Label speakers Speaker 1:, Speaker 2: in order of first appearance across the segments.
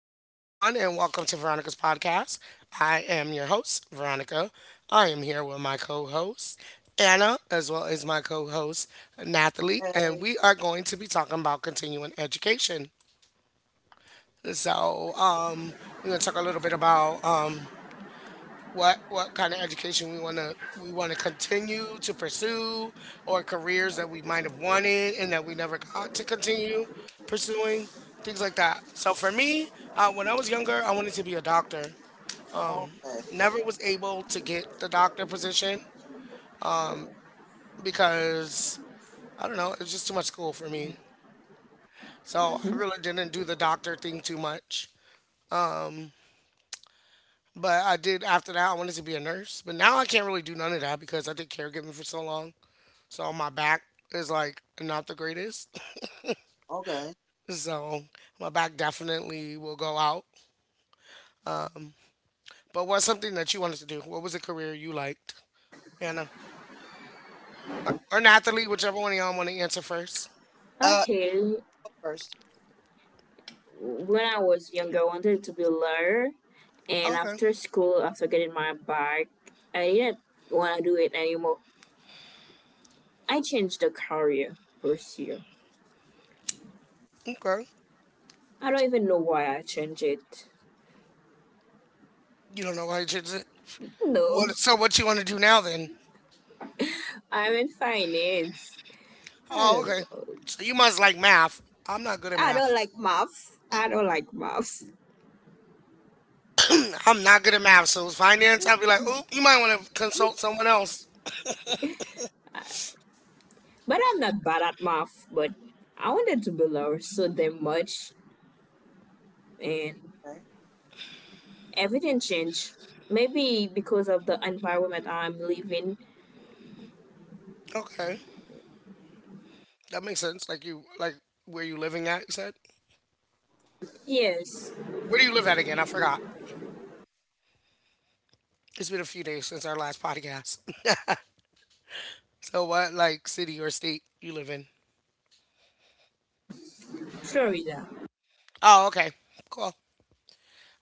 Speaker 1: there, everyone, and welcome to Veronica's podcast. I am your host, Veronica. I am here with my co-host Anna, as well as my co-host Nathalie, and
Speaker 2: Okay.
Speaker 1: we are going to be talking about continuing education. So, um, we're going to talk a little bit about what kind of education we want to continue to pursue, or careers that we might have wanted and that we never got to continue pursuing, things like that. So for me, when I was younger I wanted to be a doctor.
Speaker 2: Oh,
Speaker 1: Never was able to get the doctor position because, I don't know, it was just too much school for me. So I really didn't do the doctor thing too much, but I did. After that I wanted to be a nurse, but now I can't really do none of that because I did caregiving for so long. So my back is like not the greatest.
Speaker 2: okay.
Speaker 1: So my back definitely will go out. But what's something that you wanted to do? What was a career you liked? Anna. Or Nathalie, whichever one of y'all want to answer first.
Speaker 2: Uh,
Speaker 3: Okay,
Speaker 2: go first.
Speaker 3: when I was younger, I wanted to be a lawyer, and
Speaker 1: Okay.
Speaker 3: after school, after getting my bike, I didn't want to do it anymore. I changed the career pursuit.
Speaker 1: Okay.
Speaker 3: I don't even know why I changed it.
Speaker 1: You don't know why you chose it.
Speaker 3: No,
Speaker 1: What, so what you want to do now then?
Speaker 3: I'm in finance. I
Speaker 1: Oh,
Speaker 3: don't
Speaker 1: okay.
Speaker 3: know.
Speaker 1: So you must like math. I'm not good at
Speaker 3: I
Speaker 1: math.
Speaker 3: don't like math. I don't like math.
Speaker 1: I'm not good at math. So finance, I'd be like, oop, you might want to consult someone else.
Speaker 3: But I'm not bad at math, but I wanted to be lower so damn much and
Speaker 2: Okay.
Speaker 3: everything changed. Maybe because of the environment I'm living.
Speaker 1: Okay. That makes sense. Like you like where you living at, you said?
Speaker 3: Yes,
Speaker 1: Where do you live at again? I forgot. It's been a few days since our last podcast. So, what like city or state you live in?
Speaker 3: Florida.
Speaker 1: Oh, okay, cool.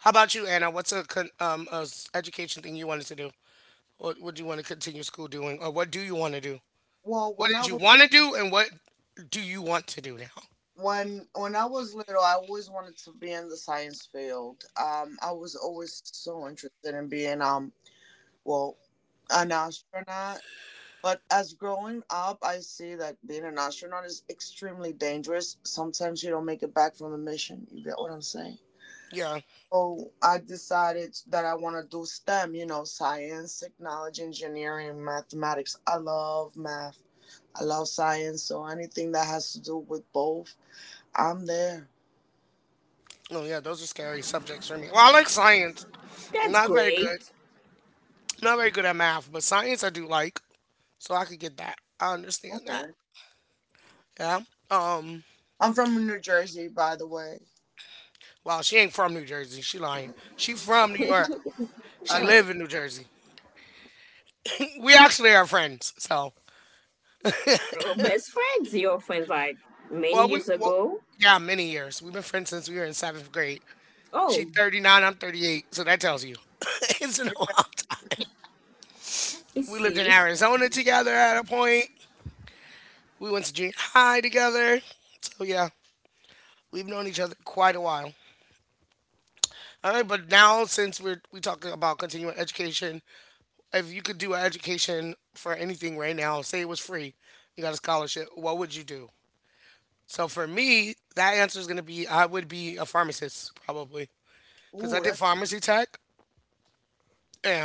Speaker 1: How about you, Anna? What's a education thing you wanted to do? What would you want to continue school doing, or what do you want to do?
Speaker 2: Well,
Speaker 1: What
Speaker 2: when I
Speaker 1: did you
Speaker 2: was
Speaker 1: want to do, and what do you want to do now?
Speaker 2: when when I was little, I always wanted to be in the science field. I was always so interested in being well, an astronaut. But as growing up, I see that being an astronaut is extremely dangerous. Sometimes you don't make it back from the mission. You get what I'm saying?
Speaker 1: Yeah,
Speaker 2: So I decided that I want to do STEM. You know, science, technology, engineering, mathematics. I love math. I love science, so anything that has to do with both, I'm there.
Speaker 1: oh yeah, those are scary subjects for me. Well, I like science.
Speaker 3: That's
Speaker 1: Not very good.
Speaker 3: great.
Speaker 1: Not very good at math, but science I do like, so I could get that. I understand that.
Speaker 2: Okay.
Speaker 1: Yeah. Um.
Speaker 2: I'm from New Jersey, by the way.
Speaker 1: Well, she ain't from New Jersey. She lying. She from New York.
Speaker 2: I
Speaker 1: She
Speaker 2: live
Speaker 3: Oh,
Speaker 1: live in New Jersey. We actually are friends. So,
Speaker 3: best friends, your friends like many
Speaker 1: well, we
Speaker 3: years
Speaker 1: well,
Speaker 3: ago.
Speaker 1: yeah, many years. We've been friends since we were in seventh grade. She's
Speaker 3: Oh,
Speaker 1: 39, I'm 38. So that tells you it's been a
Speaker 2: here.
Speaker 1: long time.
Speaker 3: I
Speaker 1: We lived in
Speaker 3: see.
Speaker 1: Arizona together at a point. We went to junior high together. So yeah, we've known each other quite a while. All right, but now since we're we talking about continuing education, if you could do an education for anything right now, say it was free, you got a scholarship, what would you do? So for me, that answer is going to be I would be a pharmacist probably because I
Speaker 2: Ooh,
Speaker 1: did pharmacy tech,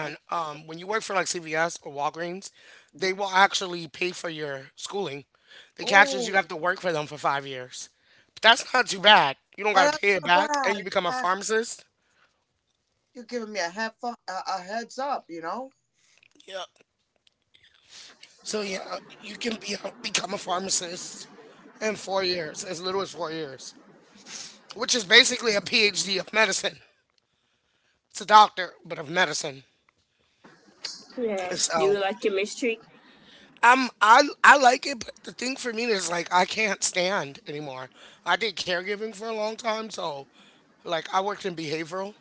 Speaker 2: that's
Speaker 1: when you work for like CVS or Walgreens, they
Speaker 2: hmm
Speaker 1: will actually pay for your schooling. The catch is
Speaker 2: ooh,
Speaker 1: you have to work for them for 5 years, but that's not too bad. You don't
Speaker 2: But
Speaker 1: got to
Speaker 2: that's
Speaker 1: pay it
Speaker 2: not
Speaker 1: back, and
Speaker 2: bad.
Speaker 1: you become a
Speaker 2: Exactly.
Speaker 1: pharmacist.
Speaker 2: You're giving me a heads up, you know?
Speaker 1: Yep. So yeah, you can be a, become a pharmacist in 4 years, as little as 4 years, which is basically a PhD of medicine. It's a doctor, but of medicine. And
Speaker 3: Yes. Do
Speaker 1: so
Speaker 3: you like chemistry?
Speaker 1: Um, I I like it, but the thing for me is like I can't stand anymore. I did caregiving for a long time, so like I worked in behavioral,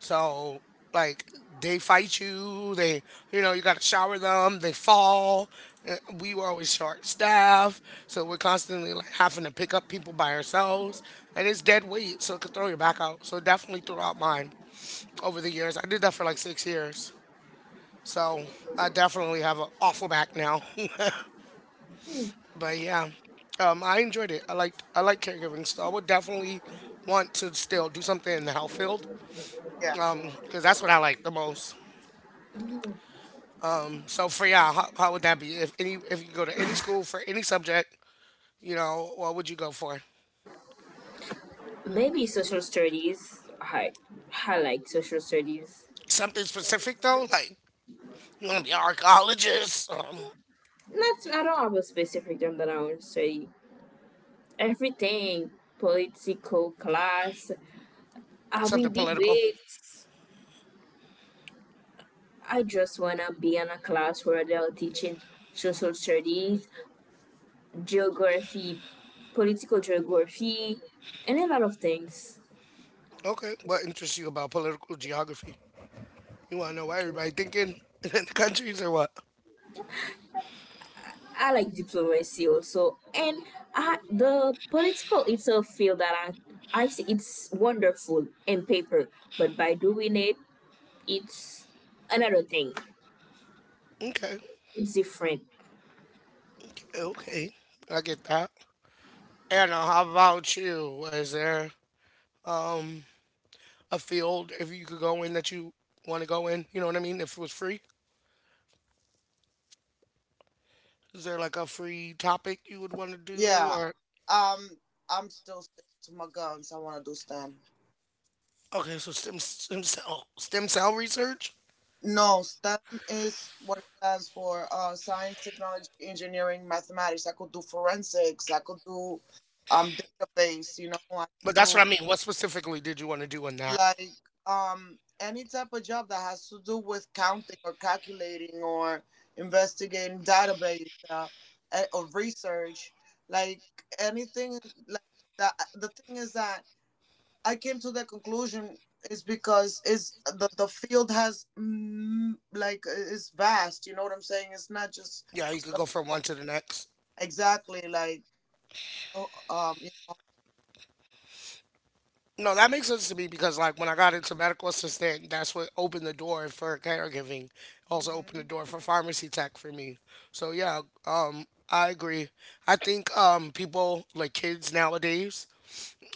Speaker 1: so like they fight you, they you know you got to shower them, they fall. We were always short staff, so we're constantly like having to pick up people by ourselves, and it's dead weight, so it could throw your back out. So it definitely threw out mine over the years. I did that for like 6 years. So I definitely have an awful back now. But yeah, I enjoyed it. I like caregiving, so I would definitely want to still do something in the health field,
Speaker 2: Yeah.
Speaker 1: because that's what I like the most. So for y'all, how would that be? If any, if you go to any school for any subject, you know, what would you go for?
Speaker 3: Maybe social studies. I like social studies.
Speaker 1: Something specific though, like you want to be an archaeologist,
Speaker 3: Not, I don't have a specific term that I want to study. Everything, political class, having
Speaker 1: something political.
Speaker 3: debates. I just wanna be in a class where they're teaching social studies, geography, political geography, and a lot of things.
Speaker 1: Okay, what interests you about political geography? You want to know what everybody thinking in the countries or what?
Speaker 3: I like diplomacy also, and I, the political itself field that I see it's wonderful in paper, but by doing it, it's another thing.
Speaker 1: Okay,
Speaker 3: It's different.
Speaker 1: okay, I get that. Anna, how about you? Is there a field if you could go in that you want to go in? You know what I mean? If it was free, is there like a free topic you would want to do?
Speaker 2: Yeah.
Speaker 1: Or
Speaker 2: Um, I'm still sticking to my guns. I want to do STEM.
Speaker 1: okay, so stem cell stem cell research.
Speaker 2: No, STEM is what it stands for: science, technology, engineering, mathematics. I could do forensics. I could do database. You know, I can
Speaker 1: But that's what
Speaker 2: do
Speaker 1: I mean. What specifically did you want to do in that?
Speaker 2: like any type of job that has to do with counting or calculating or investigating database or research. Like anything like that. The thing is that I came to that conclusion is because is the field has like is vast. You know what I'm saying? It's not just
Speaker 1: Yeah, you could
Speaker 2: stuff-
Speaker 1: go from one to the next.
Speaker 2: exactly like oh, um
Speaker 1: No, that makes sense to me because like when I got into medical assistant, that's what opened the door for caregiving. Also opened
Speaker 2: hmm
Speaker 1: the door for pharmacy tech for me. So yeah, I agree. I think people like kids nowadays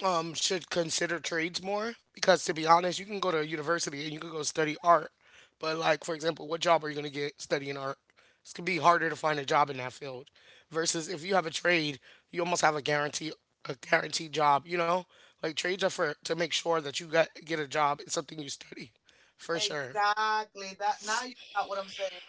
Speaker 1: should consider trades more because, to be honest, you can go to university and you can go study art. But, like, for example, what job are you going to get studying art? It's going to be harder to find a job in that field versus if you have a trade, you almost have a guaranteed job, you know? Like trades are for to make sure that you got get a job in something you study. For sure.
Speaker 2: exactly that. Now you got what I'm saying.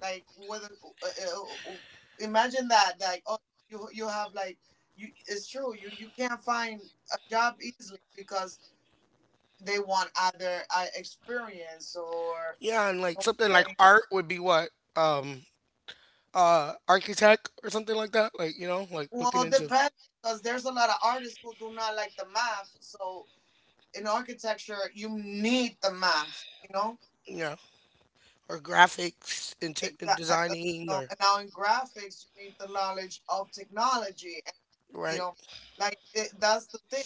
Speaker 2: Like whether uh, uh, uh, imagine that like you have like you it's true you can't find a job easily because they want either experience or…
Speaker 1: Yeah, and like something like art would be what? Um architect or something like that. Like, you know, like
Speaker 2: Well,
Speaker 1: looking
Speaker 2: it
Speaker 1: into
Speaker 2: depends because there's a lot of artists who do not like the math. So in architecture, you need the math, you know?
Speaker 1: yeah. Or graphics into
Speaker 2: Exactly.
Speaker 1: designing or
Speaker 2: And now in graphics, you need the knowledge of technology. And, you
Speaker 1: right
Speaker 2: know, like it, that's the thing.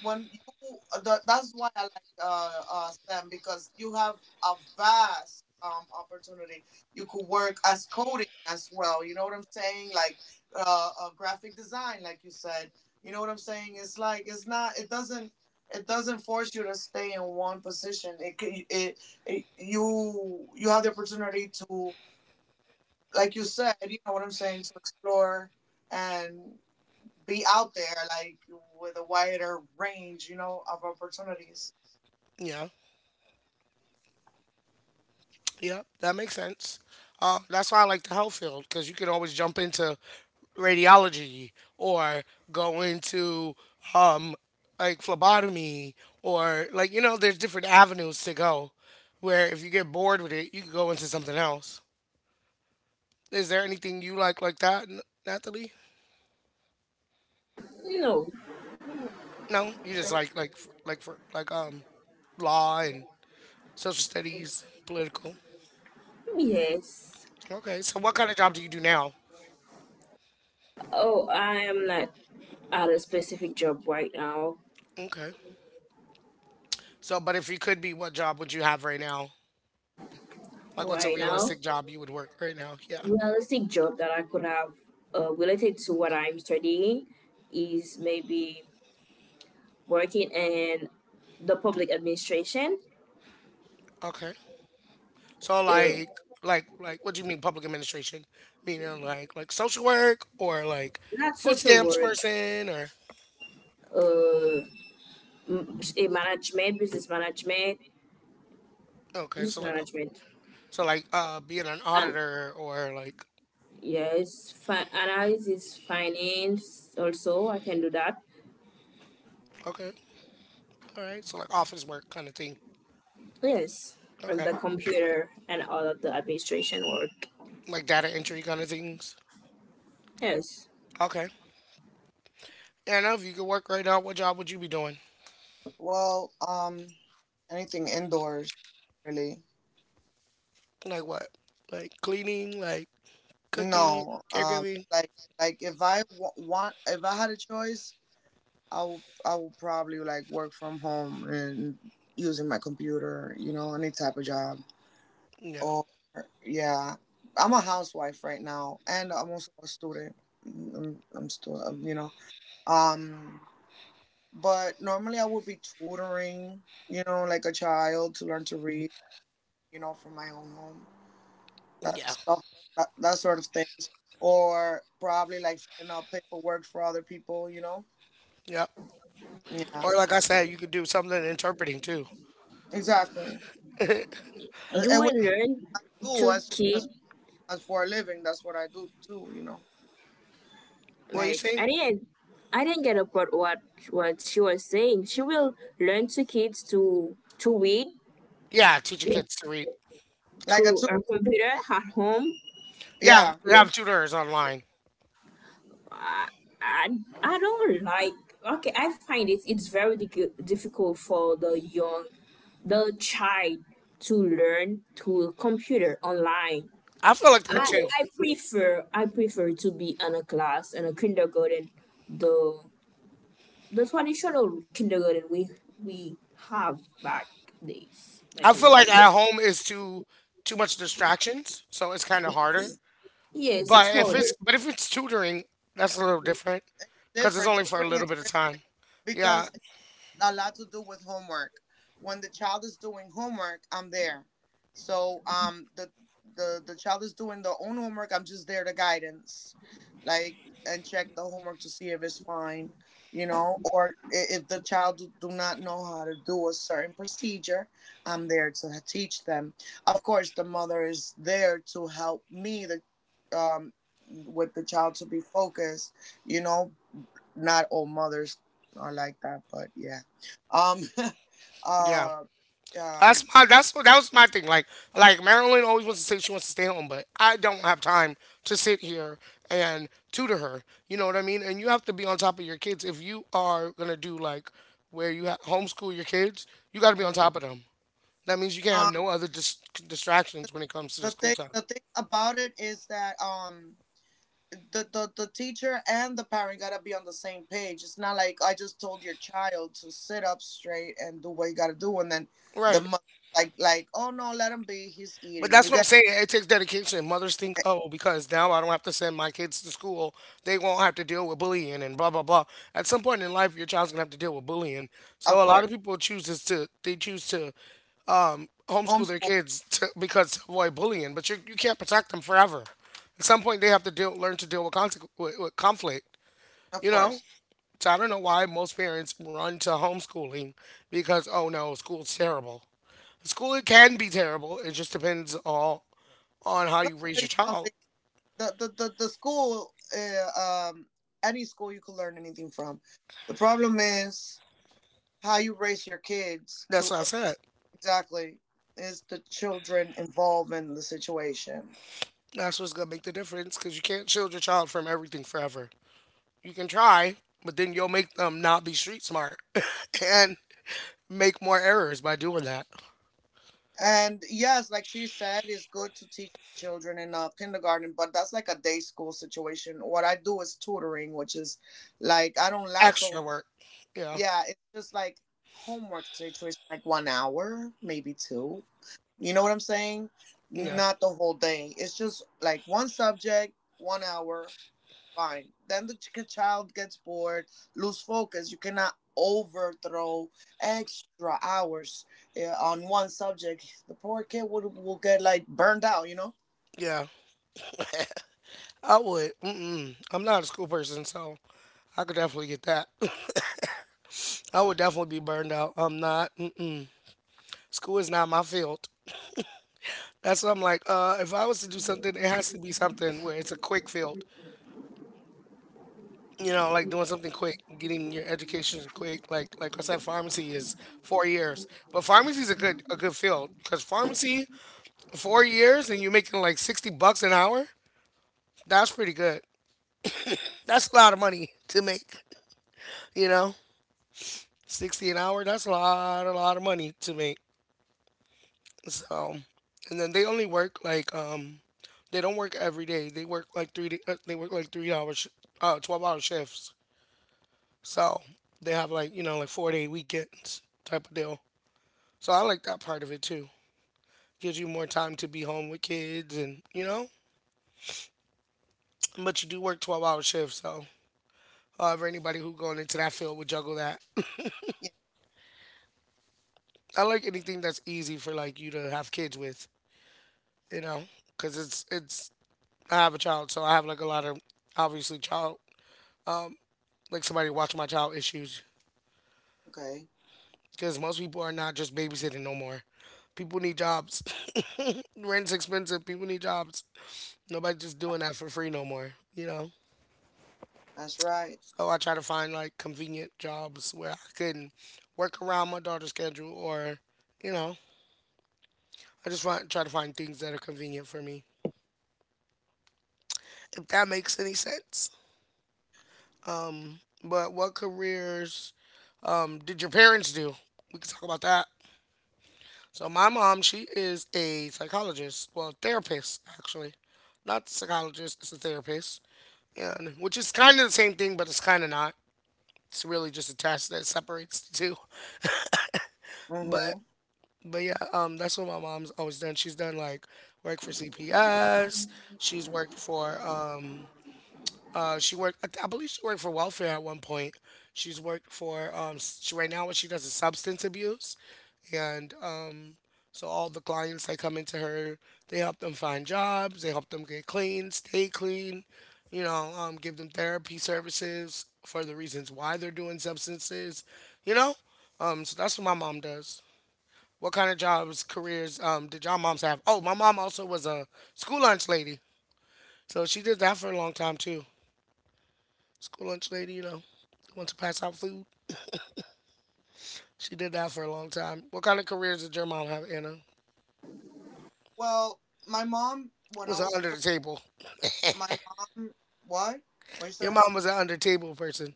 Speaker 2: That's why I like STEM because you have a vast opportunity. You could work as coding as well. You know what I'm saying? Like graphic design, like you said. You know what I'm saying? It's like it's not. It doesn't. It doesn't force you to stay in one position. It, c- it you you have the opportunity to, like you said, you know what I'm saying, to explore and be out there like with a wider range, you know, of opportunities.
Speaker 1: yeah yeah that makes sense. That's why I like the health field because you can always jump into radiology or go into um, like phlebotomy or like, you know, there's different avenues to go where if you get bored with it you can go into something else. Is there anything you like that Natalie?
Speaker 3: No,
Speaker 1: No, you just like like for like law and social studies political.
Speaker 3: yes.
Speaker 1: Okay. So what kind of job do you do now?
Speaker 3: Oh, I am not at a specific job right now.
Speaker 1: Okay. So, but if you could be, what job would you have right now? Like, what's a
Speaker 3: Right now,
Speaker 1: realistic job you would work right now? Yeah.
Speaker 3: realistic job that I could have related to what I'm studying is maybe working in the public administration,
Speaker 1: Okay. So,
Speaker 3: uh,
Speaker 1: like, like, what do you mean public administration? Meaning like social work or like
Speaker 3: not
Speaker 1: food
Speaker 3: social
Speaker 1: stamps
Speaker 3: work,
Speaker 1: person or
Speaker 3: uh, a management, business management,
Speaker 1: okay.
Speaker 3: business management,
Speaker 1: So like, being an
Speaker 3: and
Speaker 1: auditor or like,
Speaker 3: yes, analysis, finance. Also, I can do that.
Speaker 1: okay, all right. So like office work kind of thing.
Speaker 3: Yes, and the
Speaker 1: Okay.
Speaker 3: computer and all of the administration work.
Speaker 1: Like data entry kind of things.
Speaker 3: Yes,
Speaker 1: Okay. Yeah, I know if you could work right now, what job would you be doing?
Speaker 2: Well, anything indoors, really.
Speaker 1: Like what? Like cleaning, Like cooking,
Speaker 2: No, um,
Speaker 1: caregiving.
Speaker 2: like like if want, if I had a choice, I would probably like work from home and using my computer, you know, any type of job.
Speaker 1: Yeah.
Speaker 2: Or yeah, I'm a housewife right now, and I'm also a student. I'm still, you know, um, but normally I would be tutoring, you know, like a child to learn to read, you know, from my own home, that
Speaker 1: Yeah.
Speaker 2: stuff, that, that sort of things, or probably like filling out paperwork for other people, you know.
Speaker 1: Yep.
Speaker 2: Yeah,
Speaker 1: Or like I said, you could do something in interpreting too.
Speaker 2: exactly. Uh,
Speaker 3: you
Speaker 2: And which
Speaker 3: will learn
Speaker 2: I do
Speaker 3: to
Speaker 2: as
Speaker 3: keep.
Speaker 2: as as for a living. That's what I do too, you know.
Speaker 1: What you
Speaker 3: Like
Speaker 1: see?
Speaker 3: I didn't get about what she was saying. She will learn to kids to read
Speaker 1: Yeah, teaching kids to read.
Speaker 2: Like a
Speaker 3: through
Speaker 2: tutor,
Speaker 3: her computer at home.
Speaker 1: Yeah,
Speaker 2: yeah.
Speaker 1: we have tutors online.
Speaker 3: I I don't like, okay, I find it it's very difficult for the young, the child, to learn through a computer online.
Speaker 1: I feel like that
Speaker 3: I,
Speaker 1: too.
Speaker 3: I prefer to be in a class in a kindergarten, the the traditional kindergarten we we have back days,
Speaker 1: I
Speaker 3: back in
Speaker 1: feel
Speaker 3: the
Speaker 1: like
Speaker 3: days.
Speaker 1: at home is too much distractions, so it's kind of harder.
Speaker 3: Yes,
Speaker 1: But
Speaker 3: it's
Speaker 1: if it's
Speaker 3: harder.
Speaker 1: but if it's tutoring, that's a little different because it's
Speaker 2: Different
Speaker 1: only for a
Speaker 2: tutoring
Speaker 1: little
Speaker 2: is
Speaker 1: bit of
Speaker 2: different
Speaker 1: time. Yeah,
Speaker 2: because a lot to do with homework. When the child is doing homework, I'm there. So the child is doing their own homework, I'm just there to guidance. Like and check the homework to see if it's fine, you know, or if the child do not know how to do a certain procedure, I'm there to teach them. Of course, the mother is there to help me the um with the child to be focused, you know, not all mothers are like that, but yeah. Um,
Speaker 1: yeah.
Speaker 2: uh,
Speaker 1: That's
Speaker 2: um,
Speaker 1: my that's what that was my thing. Like Marilyn always wants to say she wants to stay home, but I don't have time to sit here and tutor her. You know what I mean? And you have to be on top of your kids. If you are gonna do like where you homeschool your kids, you got to be on
Speaker 2: mm,
Speaker 1: top of them. That means you can't have
Speaker 2: um,
Speaker 1: no other distractions when it comes to the
Speaker 2: the
Speaker 1: school
Speaker 2: thing,
Speaker 1: time.
Speaker 2: The thing about it is that, the teacher and the parent gotta be on the same page. It's not like I just told your child to sit up straight and do what you gotta do, and then the
Speaker 1: Right.
Speaker 2: mother like oh no, let him be. He's
Speaker 1: But
Speaker 2: eating. You
Speaker 1: that's what I'm
Speaker 2: got
Speaker 1: saying. It takes dedication. Mothers think, oh, because now I don't have to send my kids to school, they won't have to deal with bullying and blah blah blah. At some point in life, your child's gonna have to deal with bullying. So
Speaker 2: of
Speaker 1: a lot
Speaker 2: course
Speaker 1: of people choose is to they choose to homeschool their
Speaker 2: homeschool.
Speaker 1: kids to, because to avoid bullying. But you can't protect them forever. At some point, they have to deal learn to deal with conflict.
Speaker 2: Of
Speaker 1: You know.
Speaker 2: course.
Speaker 1: So I don't know why most parents run to homeschooling because oh no, school's terrible. School it can be terrible. It just depends on how
Speaker 2: Let
Speaker 1: you
Speaker 2: me
Speaker 1: raise
Speaker 2: tell
Speaker 1: your
Speaker 2: you something.
Speaker 1: child.
Speaker 2: The school any school you can learn anything from. The problem is how you raise your kids
Speaker 1: That's
Speaker 2: to
Speaker 1: what I said.
Speaker 2: exactly is the children involved in the situation.
Speaker 1: That's what's gonna make the difference because you can't shield your child from everything forever. You can try, but then you'll make them not be street smart and make more errors by doing that.
Speaker 2: And yes, like she said, it's good to teach children in kindergarten, but that's like a day school situation. What I do is tutoring, which is like I don't last all.
Speaker 1: Yeah,
Speaker 2: Yeah, it's just like homework situation, like 1 hour, maybe two. You know what I'm saying?
Speaker 1: yeah,
Speaker 2: Not the whole day. It's just like one subject, 1 hour fine. Then the child gets bored, lose focus. You cannot overthrow extra hours yeah, on one subject. The poor kid would will get like burned out, you know.
Speaker 1: yeah. I would. Mm-mm. I'm not a school person, so I could definitely get that. I would definitely be burned out. I'm not. Mm-mm. School is not my field. That's what I'm like. If I was to do something, it has to be something where it's a quick field. You know, like doing something quick, getting your education quick. Like I said, pharmacy is 4 years, but pharmacy is a good field because pharmacy 4 years and you're making like 60 bucks an hour. That's pretty good. That's a lot of money to make. You know, 60 an hour. That's a lot of money to make. So, and then they only work. They don't work every day. They work like 3 hours, 12 hour shifts. So they have like 4 day weekends type of deal. So I like that part of it too. Gives you more time to be home with kids and, but you do work 12-hour shifts. So, however, anybody who going into that field would juggle that.
Speaker 2: Yeah.
Speaker 1: I like anything that's easy for like you to have kids with, you know, because I have a child. So I have like a lot of obviously child, like somebody watching my child issues
Speaker 2: Okay,
Speaker 1: because most people are not just babysitting no more. People need jobs. Rent's expensive. People need jobs. Nobody's just doing that for free no more, you know?
Speaker 2: that's right.
Speaker 1: So I try to find like convenient jobs where I can work around my daughter's schedule or, you know, I just want try to find things that are convenient for me. If that makes any sense. But what careers did your parents do? We can talk about that. So my mom, she is a psychologist, well, therapist actually. Not psychologist, it's a therapist. And which is kind of the same thing, but it's kind of not. It's really just a test that separates the two. But
Speaker 2: Mm-hmm.
Speaker 1: But yeah, that's what my mom's always done. She's done like work for CPS. She's worked for she worked. I believe she worked for welfare at one point. She's worked for s- she, right now what she does is substance abuse, and so all the clients that come into her, they help them find jobs, they help them get clean, stay clean, give them therapy services for the reasons why they're doing substances, you know. So that's what my mom does. What kind of jobs, careers did y'all moms have? Oh, my mom also was a school lunch lady. So she did that for a long time too. School lunch lady, the one to pass out food. She did that for a long time. What kind of careers did your mom have, Anna?
Speaker 2: Well, my mom, when I
Speaker 1: Was an
Speaker 2: was
Speaker 1: under the
Speaker 2: little,
Speaker 1: table.
Speaker 2: my mom, what? What you
Speaker 1: Your
Speaker 2: said?
Speaker 1: mom was an under table person,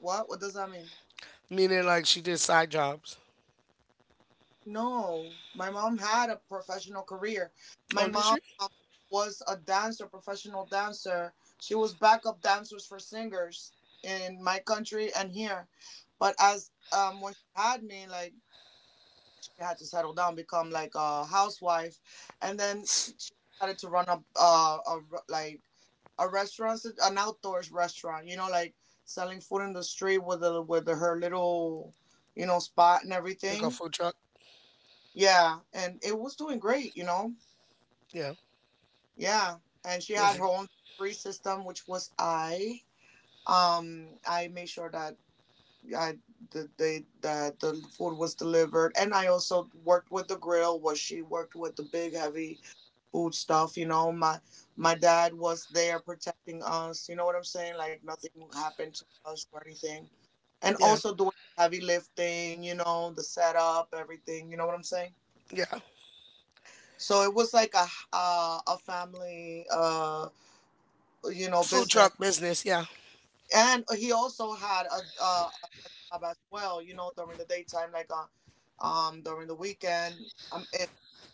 Speaker 2: What? What does that mean?
Speaker 1: meaning like she did side jobs.
Speaker 2: No, my mom had a professional career. My
Speaker 1: Oh, did
Speaker 2: mom
Speaker 1: she?
Speaker 2: was a dancer, professional dancer. She was backup dancers for singers in my country and here. But as when she had me, like she had to settle down, become like a housewife, and then she decided to run up like a restaurant, an outdoors restaurant. You know, like selling food in the street with with her little you know spot and
Speaker 1: Like a
Speaker 2: everything.
Speaker 1: food truck?
Speaker 2: Yeah, and it was doing great. You know,
Speaker 1: Yeah.
Speaker 2: yeah, and she
Speaker 1: Was
Speaker 2: had
Speaker 1: she?
Speaker 2: her own free system, which was I. I made sure that I the they that the food was delivered, and I also worked with the grill. Was she worked with the big heavy food stuff. You know, my dad was there protecting us. You know what I'm saying? Like nothing happened to us or anything, and
Speaker 1: Yeah.
Speaker 2: also doing heavy lifting. You know, the setup, everything. You know what I'm saying?
Speaker 1: Yeah.
Speaker 2: So it was like a family you know
Speaker 1: Food
Speaker 2: business,
Speaker 1: truck business. Yeah.
Speaker 2: and he also had a job as well you know during the daytime like during the weekend.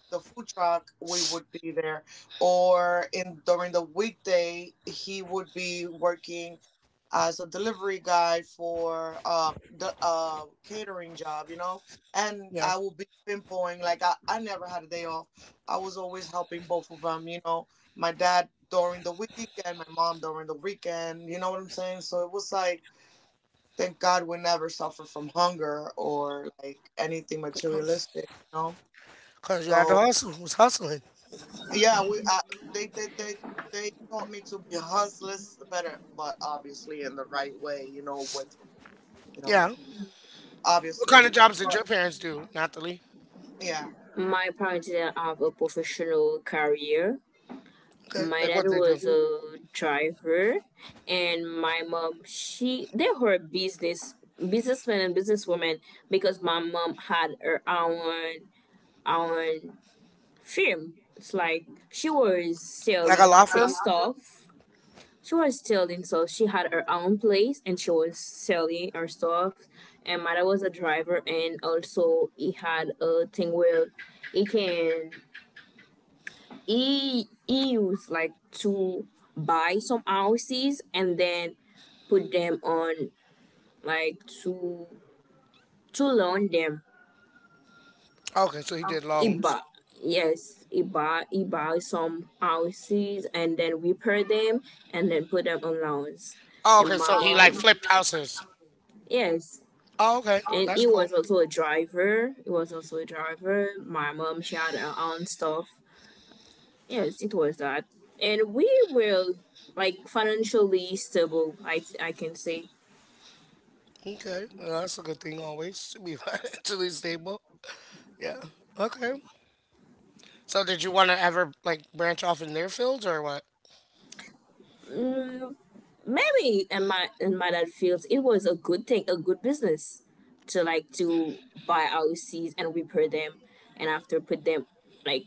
Speaker 2: The food truck, we would be there. Or in during the weekday, he would be working as a delivery guy for the catering job, you know. And
Speaker 1: Yeah.
Speaker 2: I will be pinpointing like I never had a day off. I was always helping both of them, you know. My dad during the week and my mom during the weekend, you know what I'm saying? So it was like thank God we never suffer from hunger or like anything materialistic, you know.
Speaker 1: Cause you had to
Speaker 2: So
Speaker 1: hustle. Was hustling.
Speaker 2: yeah, we they they they they taught me to be hustlers better, but obviously in the right way, you know, with you know,
Speaker 1: Yeah. What kind
Speaker 2: obviously.
Speaker 1: of jobs did
Speaker 2: But
Speaker 1: your parents do, Natalie?
Speaker 2: yeah,
Speaker 3: My parents didn't have a professional career.
Speaker 1: Okay.
Speaker 3: My
Speaker 1: Like
Speaker 3: dad
Speaker 1: what did they do?
Speaker 3: was a driver, and my mom, she they were businessmen and businesswomen, because my mom had her own own firm. It's like she was
Speaker 1: Like a
Speaker 3: selling
Speaker 1: law firm?
Speaker 3: stuff, she was selling, so she had her own place and she was selling her stuff. And my dad was a driver, and also he had a thing where he can he used like to buy some houses and then put them on, like, to loan them.
Speaker 1: Okay, so he did
Speaker 3: He
Speaker 1: loans.
Speaker 3: bought Yes, he buy some houses and then repair them and then put them on loans.
Speaker 1: Oh,
Speaker 3: And
Speaker 1: okay,
Speaker 3: my
Speaker 1: so he like
Speaker 3: mom,
Speaker 1: flipped houses.
Speaker 3: yes,
Speaker 1: Oh, okay,
Speaker 3: and
Speaker 1: that's
Speaker 3: it
Speaker 1: cool.
Speaker 3: was also a driver. It was also a driver. My mom, she had her own stuff. Yes, it was that. And we were like financially stable. I can say,
Speaker 1: Okay, well, that's a good thing always to be financially stable. Yeah. Okay. So did you want to ever like branch off in their fields or what?
Speaker 3: mm, maybe in my dad fields, it was a good thing, a good business, to like to buy houses and repair them, and after put them, like,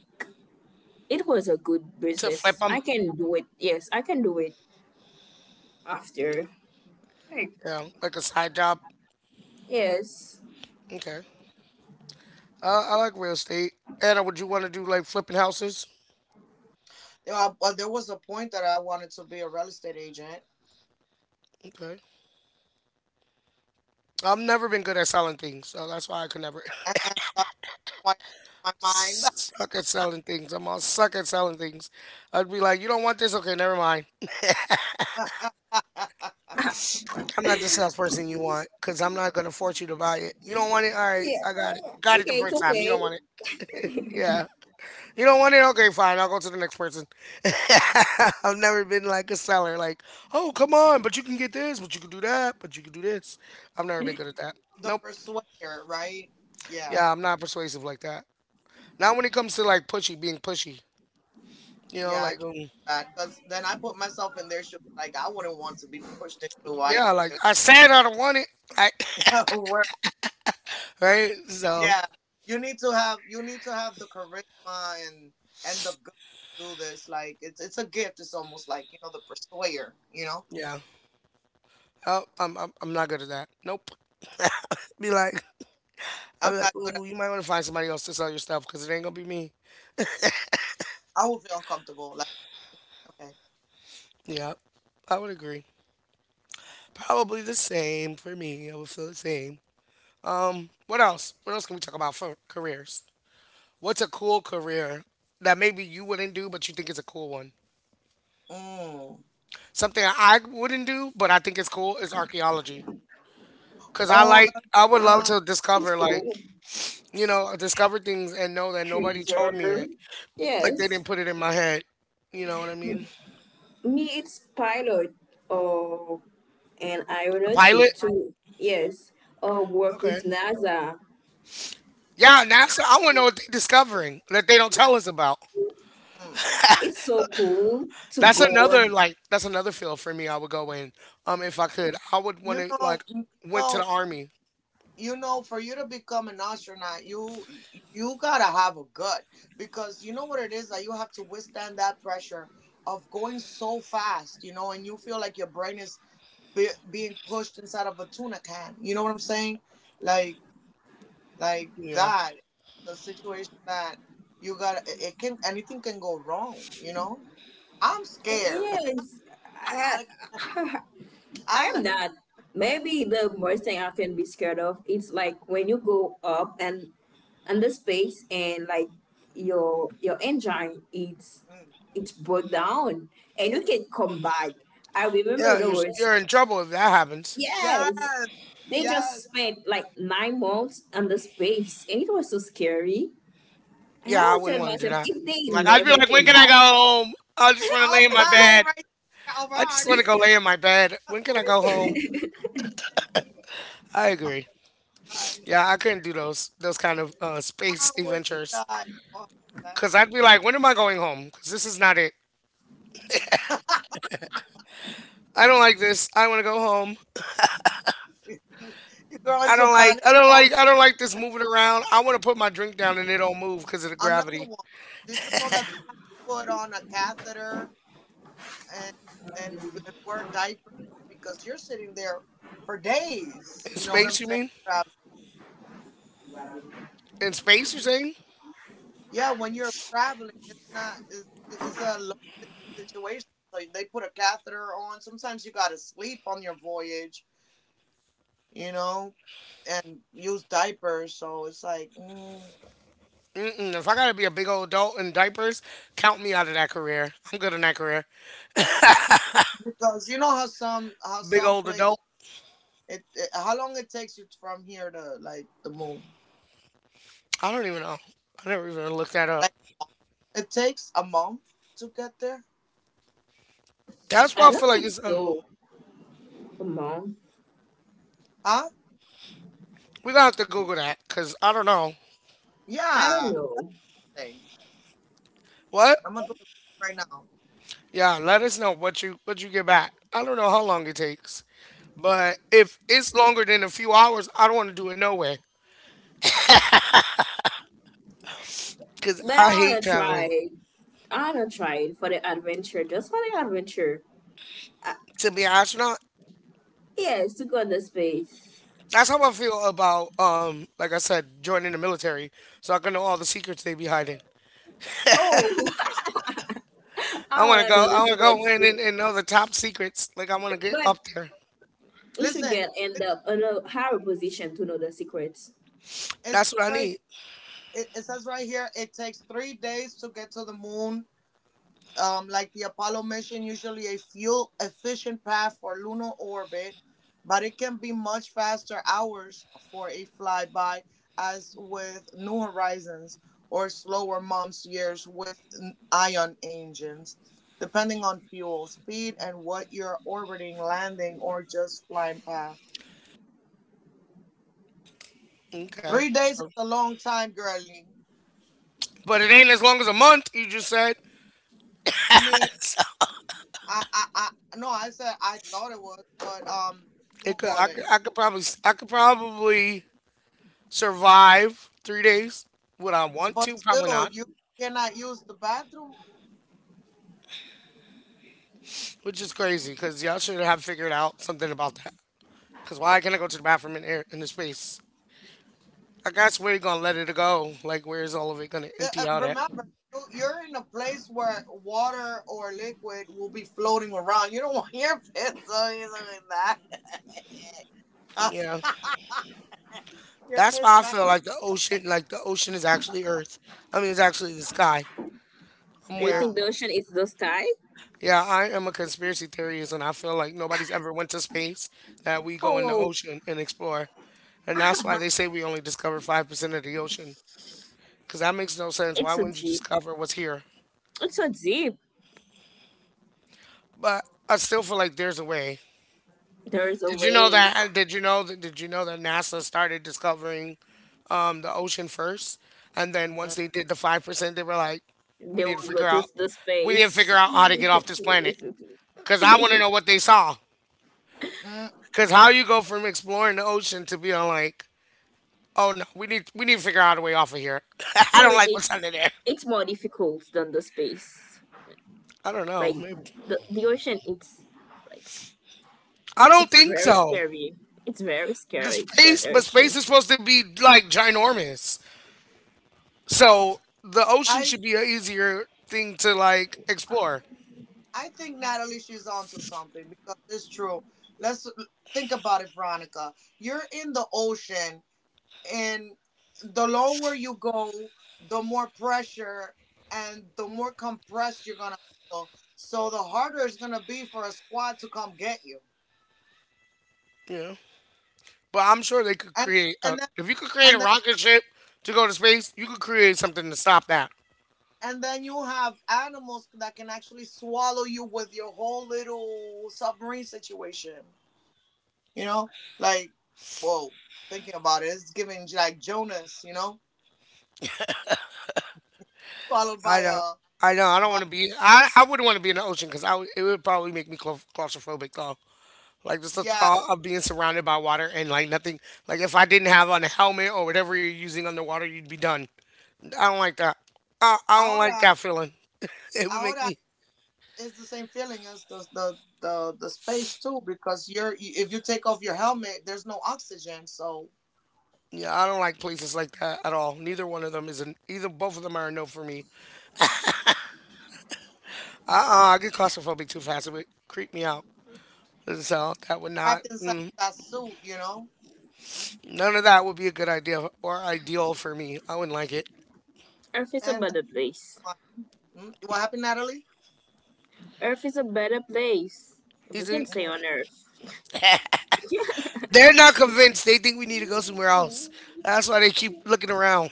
Speaker 3: it was a good
Speaker 1: To flip
Speaker 3: business.
Speaker 1: them?
Speaker 3: I can do it. Yes, I can do it after.
Speaker 1: Yeah, like a side job.
Speaker 3: Yes.
Speaker 1: Okay. I like real estate. Anna, would you want to do like flipping houses?
Speaker 2: yeah. But there was a point that I wanted to be a real estate agent,
Speaker 1: Okay. I've never been good at selling things, so that's why I could never
Speaker 2: and that's why I changed
Speaker 1: suck at selling things. I'm all suck at selling things. I'd be like, you don't want this? Okay, never mind.
Speaker 2: my mind.
Speaker 1: I'm not the salesperson you want because I'm not gonna force you to buy it. You don't want it? All right,
Speaker 3: Yeah.
Speaker 1: I got it. Got it the first time. You don't
Speaker 3: Okay.
Speaker 1: want it? Yeah. You don't want it? Okay, fine. I'll go to the next person. I've never been like a seller. Like, oh, come on, but you can get this, but you can do that, but you can do this. I've never been good at that.
Speaker 2: The
Speaker 1: Nope.
Speaker 2: persuader, right? Yeah,
Speaker 1: Yeah, I'm not persuasive like that. Not when it comes to like pushy, being pushy. You know,
Speaker 2: yeah. I can't
Speaker 1: like,
Speaker 2: do that because then I put myself in their shoes. Like I wouldn't want to be pushed into why.
Speaker 1: yeah, like I said I don't want it. Like,
Speaker 2: Work.
Speaker 1: right? So,
Speaker 2: Yeah, you need to have the charisma and the guts to do this. Like it's a gift. It's almost like you know the persuader. You know,
Speaker 1: yeah. Oh, I'm not good at that. Nope. Be like,
Speaker 2: I'm
Speaker 1: I'm
Speaker 2: not
Speaker 1: like,
Speaker 2: good at.
Speaker 1: ooh, you might want to find somebody else to sell your stuff because it ain't gonna be me.
Speaker 2: I will feel uncomfortable. Like okay,
Speaker 1: Yeah, I would agree. Probably the same for me. I would feel the same. What else? What else can we talk about for careers? What's a cool career that maybe you wouldn't do but you think is a cool one?
Speaker 2: mm,
Speaker 1: Something I wouldn't do but I think it's cool is archaeology. Cause
Speaker 2: all the
Speaker 1: I would love
Speaker 2: time.
Speaker 1: to discover,
Speaker 3: It's
Speaker 1: like,
Speaker 3: cool.
Speaker 1: you know, discover things and know that nobody told me
Speaker 3: Cruiser.
Speaker 1: it. Like they didn't
Speaker 3: Yes.
Speaker 1: put it in my head. You know what I mean?
Speaker 3: Me, it's pilot or an
Speaker 1: A pilot?
Speaker 3: aeronautic too. Yes. Or work
Speaker 1: Okay.
Speaker 3: with NASA.
Speaker 1: Yeah, NASA. I want to know what they're discovering that they don't tell us about.
Speaker 2: Mm.
Speaker 3: It's so cool to
Speaker 1: That's
Speaker 3: go.
Speaker 1: another
Speaker 3: And,
Speaker 1: like that's another field for me. I would go in. If I could, I would want
Speaker 2: You
Speaker 1: to
Speaker 2: know,
Speaker 1: like went to the
Speaker 2: know,
Speaker 1: army.
Speaker 2: you know, for you to become an astronaut you gotta have a gut, because you know what it is that you have to withstand that pressure of going so fast, you know, and you feel like your brain is being pushed inside of a tuna can, you know what I'm saying? like like
Speaker 1: Yeah,
Speaker 2: that, the situation that you got it it can, anything can go wrong, you know. I'm scared.
Speaker 3: yes. I,
Speaker 2: i I
Speaker 3: I'm
Speaker 2: learned…
Speaker 3: not. Maybe
Speaker 2: It-
Speaker 3: the most thing I can be scared of, it's like when you go up and the space and like your engine, it's
Speaker 2: mm.
Speaker 3: broke down and you can come back. I remember
Speaker 1: yeah.
Speaker 3: there
Speaker 1: You're
Speaker 3: was.
Speaker 1: you're in trouble if that happens.
Speaker 3: Yes.
Speaker 2: Yes,
Speaker 3: They just
Speaker 2: yes.
Speaker 3: spent like 9 months on the space and it was so scary. And I
Speaker 1: Yeah, I
Speaker 3: was
Speaker 1: wouldn't
Speaker 3: telling
Speaker 1: want to do
Speaker 3: myself,
Speaker 1: that.
Speaker 3: if they
Speaker 1: Like I'd be
Speaker 3: never
Speaker 1: like, when
Speaker 3: came
Speaker 1: can I go
Speaker 3: back,
Speaker 1: home? I just want to
Speaker 2: I'll
Speaker 1: lay in my
Speaker 2: die
Speaker 1: bed.
Speaker 2: right there of a
Speaker 1: I
Speaker 2: heart
Speaker 1: just want to
Speaker 2: attack.
Speaker 1: go lay in my bed. When can I go home? I
Speaker 2: Oh,
Speaker 1: agree.
Speaker 2: God.
Speaker 1: Yeah, I couldn't do those kind of
Speaker 2: I
Speaker 1: space
Speaker 2: would
Speaker 1: adventures
Speaker 2: die of a heart
Speaker 1: because I'd be like, when am I going home? Because this is not it.
Speaker 2: attack.
Speaker 1: I don't like this. I want to go home.
Speaker 2: You go
Speaker 1: I
Speaker 2: into
Speaker 1: don't like
Speaker 2: panic
Speaker 1: I don't
Speaker 2: mode.
Speaker 1: like I don't like this moving around. I want to put my drink down and it don't move because of the
Speaker 2: Another
Speaker 1: gravity.
Speaker 2: one. Did you know that they put on a catheter and and wear diapers because you're sitting there for
Speaker 1: In
Speaker 2: days? You know what I'm
Speaker 1: space, you
Speaker 2: saying?
Speaker 1: mean? In space, you saying?
Speaker 2: Yeah, when you're traveling, it's not it's, it's a long distance situation. So they put a catheter on. Sometimes you gotta sleep on your voyage, you know, and use diapers. So it's like mm.
Speaker 1: Mm-mm. If I gotta be a big old adult in diapers, count me out of that career. I'm good in that career.
Speaker 2: Because you know how
Speaker 1: Big
Speaker 2: some
Speaker 1: old
Speaker 2: place
Speaker 1: adult.
Speaker 2: it how long it takes you from here to like the moon.
Speaker 1: I don't even know. I never even looked that up.
Speaker 2: Like it takes a month to get there,
Speaker 1: That's why
Speaker 3: I
Speaker 1: I
Speaker 3: don't
Speaker 1: feel like
Speaker 3: think
Speaker 1: it's.
Speaker 3: so. Come on.
Speaker 2: huh?
Speaker 1: We gonna have to Google that because I don't know
Speaker 3: I don't
Speaker 2: Yeah,
Speaker 3: know.
Speaker 2: thing.
Speaker 1: what.
Speaker 2: I'm gonna do it right now.
Speaker 1: Yeah, let us know what you get back. I don't know how long it takes, but if it's longer than a few hours, I don't want to do it no way because
Speaker 3: But I
Speaker 1: I hate
Speaker 3: wanna try
Speaker 1: traveling.
Speaker 3: it. I wanna try it for the adventure, just for the adventure.
Speaker 1: To be an astronaut.
Speaker 3: Yes, to go in the space.
Speaker 1: That's how I feel about like I said, joining the military, so I can know all the secrets they be hiding.
Speaker 3: Oh,
Speaker 1: I
Speaker 3: I
Speaker 1: want to
Speaker 3: wanna know
Speaker 1: go. I
Speaker 3: the
Speaker 1: want to go
Speaker 3: secrets
Speaker 1: in and,
Speaker 3: too.
Speaker 1: and know the top secrets. Like I want to get
Speaker 3: But
Speaker 1: up there.
Speaker 3: we should
Speaker 2: Listen,
Speaker 3: get
Speaker 2: it-
Speaker 3: end up in a higher position to know the secrets.
Speaker 2: it's
Speaker 1: That's what I
Speaker 2: right
Speaker 1: need.
Speaker 2: it says right here it takes 3 days to get to the moon. Like the Apollo mission, usually a fuel efficient path for lunar orbit, but it can be much faster hours for a flyby, as with New Horizons, or slower months, years with ion engines, depending on fuel, speed, and what you're orbiting, landing, or just flying past.
Speaker 1: Okay.
Speaker 2: 3 days is
Speaker 1: So,
Speaker 2: a long time, girlie.
Speaker 1: but it ain't as long as a month. You just said
Speaker 2: I mean, I, I, I, no, I said I thought it was, but
Speaker 1: it
Speaker 2: what
Speaker 1: could.
Speaker 2: call
Speaker 1: I
Speaker 2: it?
Speaker 1: could. I could probably. S- I could probably survive 3 days. Would I want
Speaker 2: But
Speaker 1: to? Probably
Speaker 2: still,
Speaker 1: not.
Speaker 2: you cannot use the bathroom.
Speaker 1: Which is crazy because y'all should have figured out something about that. Because why can't I go to the bathroom in air in the space? I guess where you gonna let it go? Like where is all of it gonna empty out at?
Speaker 2: Remember, you're in a place where water or liquid will be floating around. You don't want your piss or anything like that.
Speaker 1: Yeah.
Speaker 2: Your
Speaker 1: That's
Speaker 2: piss,
Speaker 1: why I
Speaker 2: man.
Speaker 1: feel like the ocean is actually Earth. I mean it's actually the sky. I'm
Speaker 3: You
Speaker 1: weird.
Speaker 2: Yeah.
Speaker 3: think the ocean is the sky?
Speaker 1: Yeah, I am a conspiracy theorist and I feel like nobody's ever went to space that we go in the
Speaker 3: Oh.
Speaker 1: ocean and explore. And that's why they say we only discover 5% of the ocean. Because that makes no sense. Why
Speaker 3: It's so
Speaker 1: wouldn't you
Speaker 3: deep.
Speaker 1: discover what's here?
Speaker 3: It's so deep.
Speaker 1: But I still feel like there's a way.
Speaker 3: There is a
Speaker 1: Did you know
Speaker 3: way
Speaker 1: that? Did you know that? Did you know that NASA started discovering the ocean first, and then once they did the 5%, they were like, "We
Speaker 3: they
Speaker 1: need to
Speaker 3: will go
Speaker 1: figure
Speaker 3: to
Speaker 1: out,
Speaker 3: the
Speaker 1: we need to figure
Speaker 3: space.
Speaker 1: out how to get off this
Speaker 3: Maybe
Speaker 1: planet." Cause I want to know what they saw.
Speaker 2: Mhm.
Speaker 1: Cause how you go from exploring the ocean to being like, "Oh no, we need to figure out a way off of here." I don't like what's
Speaker 3: it's
Speaker 1: under there.
Speaker 3: it's more difficult than the space.
Speaker 1: I don't know.
Speaker 3: Like
Speaker 1: Maybe.
Speaker 3: the ocean, it's like
Speaker 1: I don't
Speaker 3: it's
Speaker 1: think
Speaker 3: very
Speaker 1: so.
Speaker 3: scary. It's very
Speaker 1: The
Speaker 3: scary to go on
Speaker 1: space, but space
Speaker 3: ocean.
Speaker 1: is supposed to be like ginormous, so the ocean
Speaker 2: I,
Speaker 1: should be an easier thing to like explore.
Speaker 2: I think Natalie, she's onto something because it's true. Let's think about it, Veronica. You're in the ocean, and the lower you go, the more pressure and the more compressed you're gonna feel. So the harder it's gonna be for a squad to come get you.
Speaker 1: Yeah. But I'm sure they could
Speaker 2: And
Speaker 1: create.
Speaker 2: and then
Speaker 1: If you could create a
Speaker 2: and then
Speaker 1: rocket ship to go to space, you could create something to stop that.
Speaker 2: and then you have animals that can actually swallow you with your whole little submarine situation. You know, like, whoa, thinking about it, it's giving like Jonas, you know, swallowed
Speaker 1: I
Speaker 2: by
Speaker 1: know.
Speaker 2: a
Speaker 1: I know. I don't
Speaker 2: by
Speaker 1: want to be. I wouldn't want to be in the ocean because it would probably make me claustrophobic though. Like just the
Speaker 2: Yeah.
Speaker 1: thought of being surrounded by water and like nothing. Like if I didn't have on a helmet or whatever you're using underwater, you'd be done. I don't like that. I don't like
Speaker 2: Ahora,
Speaker 1: that feeling. It would make
Speaker 2: ahora,
Speaker 1: me.
Speaker 2: it's the same feeling as the space too, because you're, if you take off your helmet, there's no oxygen, so
Speaker 1: Yeah, I don't like places like that at all. Neither one of them is an. Either both of them are a no for me. I get claustrophobic too fast. It would creep me out. So that would not,
Speaker 2: trapped inside that suit, you know.
Speaker 1: none of that would be a good idea or ideal for me. I wouldn't like it.
Speaker 3: Earth is a
Speaker 2: And
Speaker 3: better place.
Speaker 2: uh, what happened, Natalie?
Speaker 3: Earth is a better place.
Speaker 1: You
Speaker 3: We can
Speaker 1: think?
Speaker 3: say on
Speaker 2: Mm-hmm.
Speaker 3: Earth.
Speaker 1: They're not convinced. They think we need to go somewhere else. That's why they keep looking around.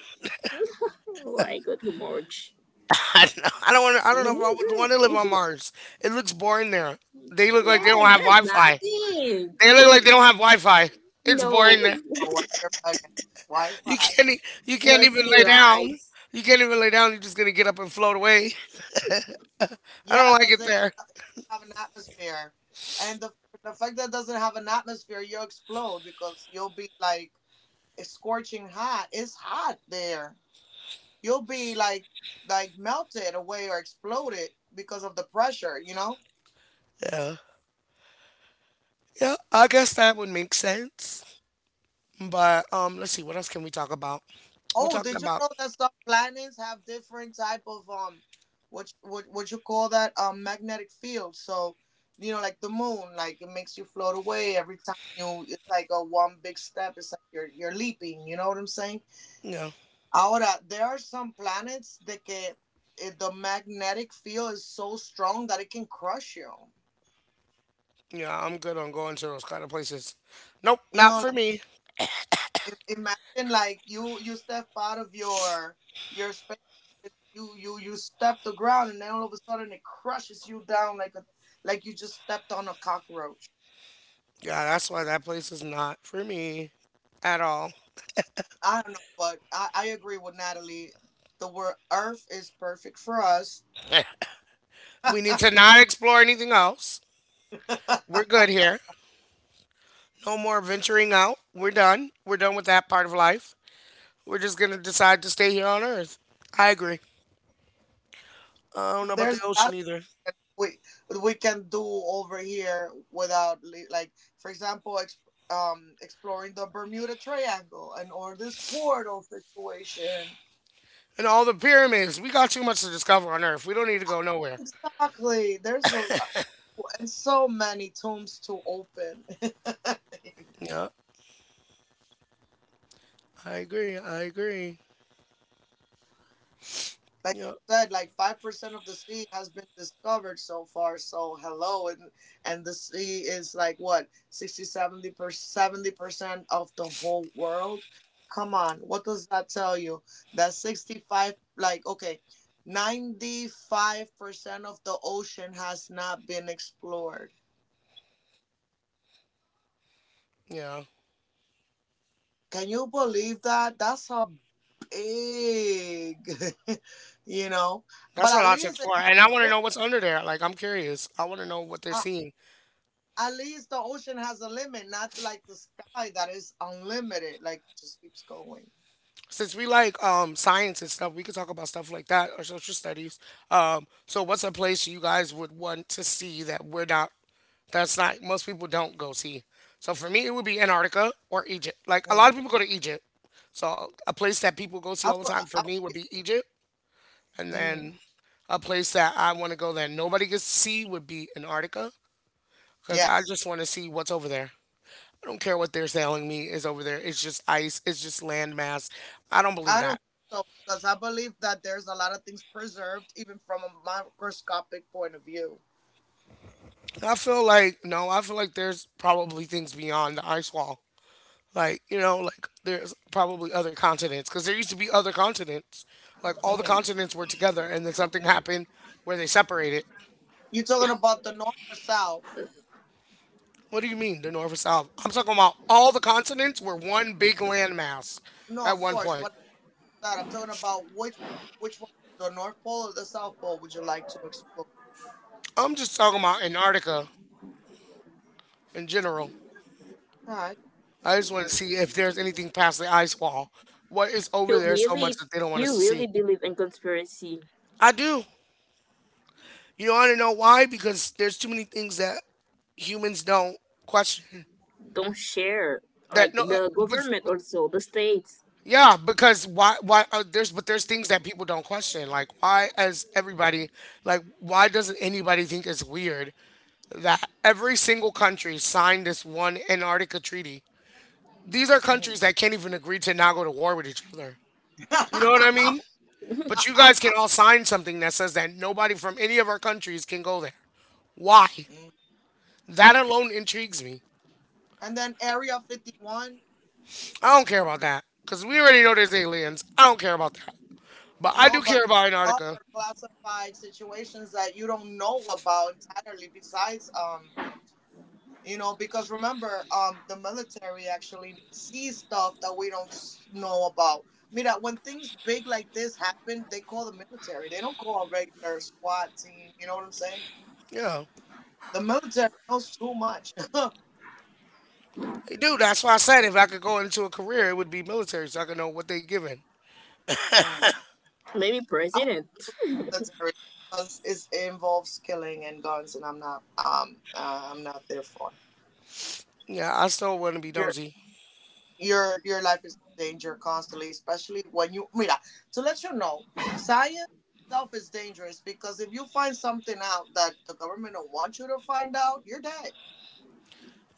Speaker 3: Why go to March?
Speaker 1: I don't know. I don't want. I don't know if I would want to live on Mars. It looks boring there. They look like they don't
Speaker 3: Yes,
Speaker 1: have
Speaker 3: there's
Speaker 1: Wi-Fi.
Speaker 3: nothing.
Speaker 1: They look like they don't have Wi-Fi. It's boring
Speaker 3: No,
Speaker 1: there.
Speaker 2: Oh, wait, you're bugging.
Speaker 1: You
Speaker 2: Wi-fi.
Speaker 1: can't. You can't
Speaker 3: no
Speaker 1: even
Speaker 3: city
Speaker 1: lay down.
Speaker 3: lights.
Speaker 1: You can't even lay down. You're just gonna get up and float away. I
Speaker 2: Yeah,
Speaker 1: don't like
Speaker 2: because
Speaker 1: it
Speaker 2: it
Speaker 1: there.
Speaker 2: doesn't have an atmosphere, and the fact that it doesn't have an atmosphere, you'll explode, because you'll be like, it's scorching hot, it's hot there, you'll be like melted away or exploded because of the pressure, you know.
Speaker 1: Yeah. Yeah, I guess that would make sense. But let's see, what else can we talk about? We
Speaker 2: Oh,
Speaker 1: talked
Speaker 2: did you
Speaker 1: about
Speaker 2: know that some planets have different type of what you call that, magnetic field? So, you know, like the moon, like it makes you float away every time you. It's like a one big step. It's like you're leaping. You know what I'm saying?
Speaker 1: yeah,
Speaker 2: Ahora, there are some planets that que the magnetic field is so strong that it can crush you.
Speaker 1: yeah. I'm good on going to those kind of places. Nope,
Speaker 2: You
Speaker 1: not
Speaker 2: know,
Speaker 1: for me.
Speaker 2: imagine like you step out of your space, you step the ground, and then all of a sudden it crushes you down like a like you just stepped on a cockroach.
Speaker 1: Yeah, that's why that place is not for me at all.
Speaker 2: I don't know, but I agree with Natalie, the word Earth is perfect for us.
Speaker 1: We need to not explore anything else. We're good here. No more venturing out. We're done. We're done with that part of life. We're just gonna decide to stay here on Earth. I agree. I don't know about the
Speaker 2: There's a lot
Speaker 1: ocean either.
Speaker 2: of things we can do over here without like, for example, exploring the Bermuda Triangle, and or this portal situation.
Speaker 1: And all the pyramids. We got too much to discover on Earth. We don't need to go nowhere.
Speaker 2: Exactly. There's a and so many tombs to open. Like
Speaker 1: Yep. I agree. I agree.
Speaker 2: you
Speaker 1: Yep.
Speaker 2: said, like 5% of the sea has been discovered so far. So hello, and the sea is like what 60, 70 per 70% of the whole world. Come on, what does that tell you? That sixty five, like okay, ninety five percent of the ocean has not been explored.
Speaker 1: Yeah.
Speaker 2: Can you believe that? That's a big, you know. But
Speaker 1: That's a
Speaker 2: at
Speaker 1: lot to
Speaker 2: least,
Speaker 1: explore. And I want to know what's under there. Like, I'm curious. I want to know what they're
Speaker 2: at
Speaker 1: seeing.
Speaker 2: at least the ocean has a limit, not like the sky that is unlimited. Like it just keeps going.
Speaker 1: Since we like science and stuff, we could talk about stuff like that or social studies. So, what's a place you guys would want to see that's not, most people don't go see? So, for me, it would be Antarctica or Egypt. Like, a lot
Speaker 2: Mm.
Speaker 1: of people go to Egypt. So, a place that people go see
Speaker 2: I,
Speaker 1: all the
Speaker 2: will-
Speaker 1: time for me would be Egypt. And
Speaker 2: mm,
Speaker 1: then a place that I want to go that nobody gets to see would be Antarctica because I
Speaker 2: yes,
Speaker 1: just want to see what's over there. I don't care what they're selling me is over there. It's just ice. It's just landmass. I don't believe
Speaker 2: I don't
Speaker 1: that.
Speaker 2: think so, because I believe that there's a lot of things preserved, even from a microscopic point of view.
Speaker 1: I feel like no. I feel like there's probably things beyond the ice wall. Like you know, like there's probably other continents because there used to be other continents. Like all the
Speaker 2: Mm.
Speaker 1: continents were together, and then something happened where they separated.
Speaker 2: You're talking about the north or south?
Speaker 1: What do you mean the north and south? I'm talking about all the continents were one big landmass
Speaker 2: No,
Speaker 1: at
Speaker 2: of
Speaker 1: one
Speaker 2: course,
Speaker 1: point.
Speaker 2: but that I'm talking about which one, the North Pole or the South Pole, would you like to explore?
Speaker 1: I'm just talking about Antarctica in general.
Speaker 2: All right.
Speaker 1: I just want to see if there's anything past the ice wall. What is over
Speaker 3: You
Speaker 1: there so much
Speaker 3: really,
Speaker 1: that they don't want us
Speaker 3: you
Speaker 1: to see?
Speaker 3: really believe in conspiracy.
Speaker 1: I do. You want to know why? Because there's too many things that humans don't question.
Speaker 3: Don't share.
Speaker 1: That
Speaker 3: Like
Speaker 1: no, uh,
Speaker 3: the
Speaker 1: but,
Speaker 3: government
Speaker 1: but
Speaker 3: also, the states,
Speaker 1: yeah, because why? Why there's but there's things that people don't question. Like why, as everybody, like why doesn't anybody think it's weird that every single country signed this one Antarctica treaty? These are
Speaker 2: Mm-hmm.
Speaker 1: countries that can't even agree to not go to war with each other. You know what I mean? But you guys can all sign something that says that nobody from any of our countries can go there. Why? That alone intrigues me.
Speaker 2: And then Area 51.
Speaker 1: I don't care about that because we already know there's aliens. I don't care about that. But I
Speaker 2: No,
Speaker 1: do care
Speaker 2: but there
Speaker 1: about
Speaker 2: are
Speaker 1: Antarctica.
Speaker 2: other classified situations that you don't know about entirely, besides, you know, because remember, the military actually sees stuff that we don't know about. Mira, when things big like this happen, they call the military. They don't call a regular SWAT team, you know what I'm saying?
Speaker 1: Yeah.
Speaker 2: The military knows too much. Mm.
Speaker 1: Dude, that's why I said if I could go into a career, it would be military so I could know what they giving.
Speaker 2: I'm
Speaker 3: maybe president.
Speaker 2: military, because it involves killing and guns, and I'm not, I'm not there for.
Speaker 1: Yeah, I still want to be
Speaker 2: You're.
Speaker 1: nosy.
Speaker 2: Your life is in danger constantly, especially when you, mira, to let you know, science itself is dangerous, because if you find something out that the government don't want you to find out, you're dead.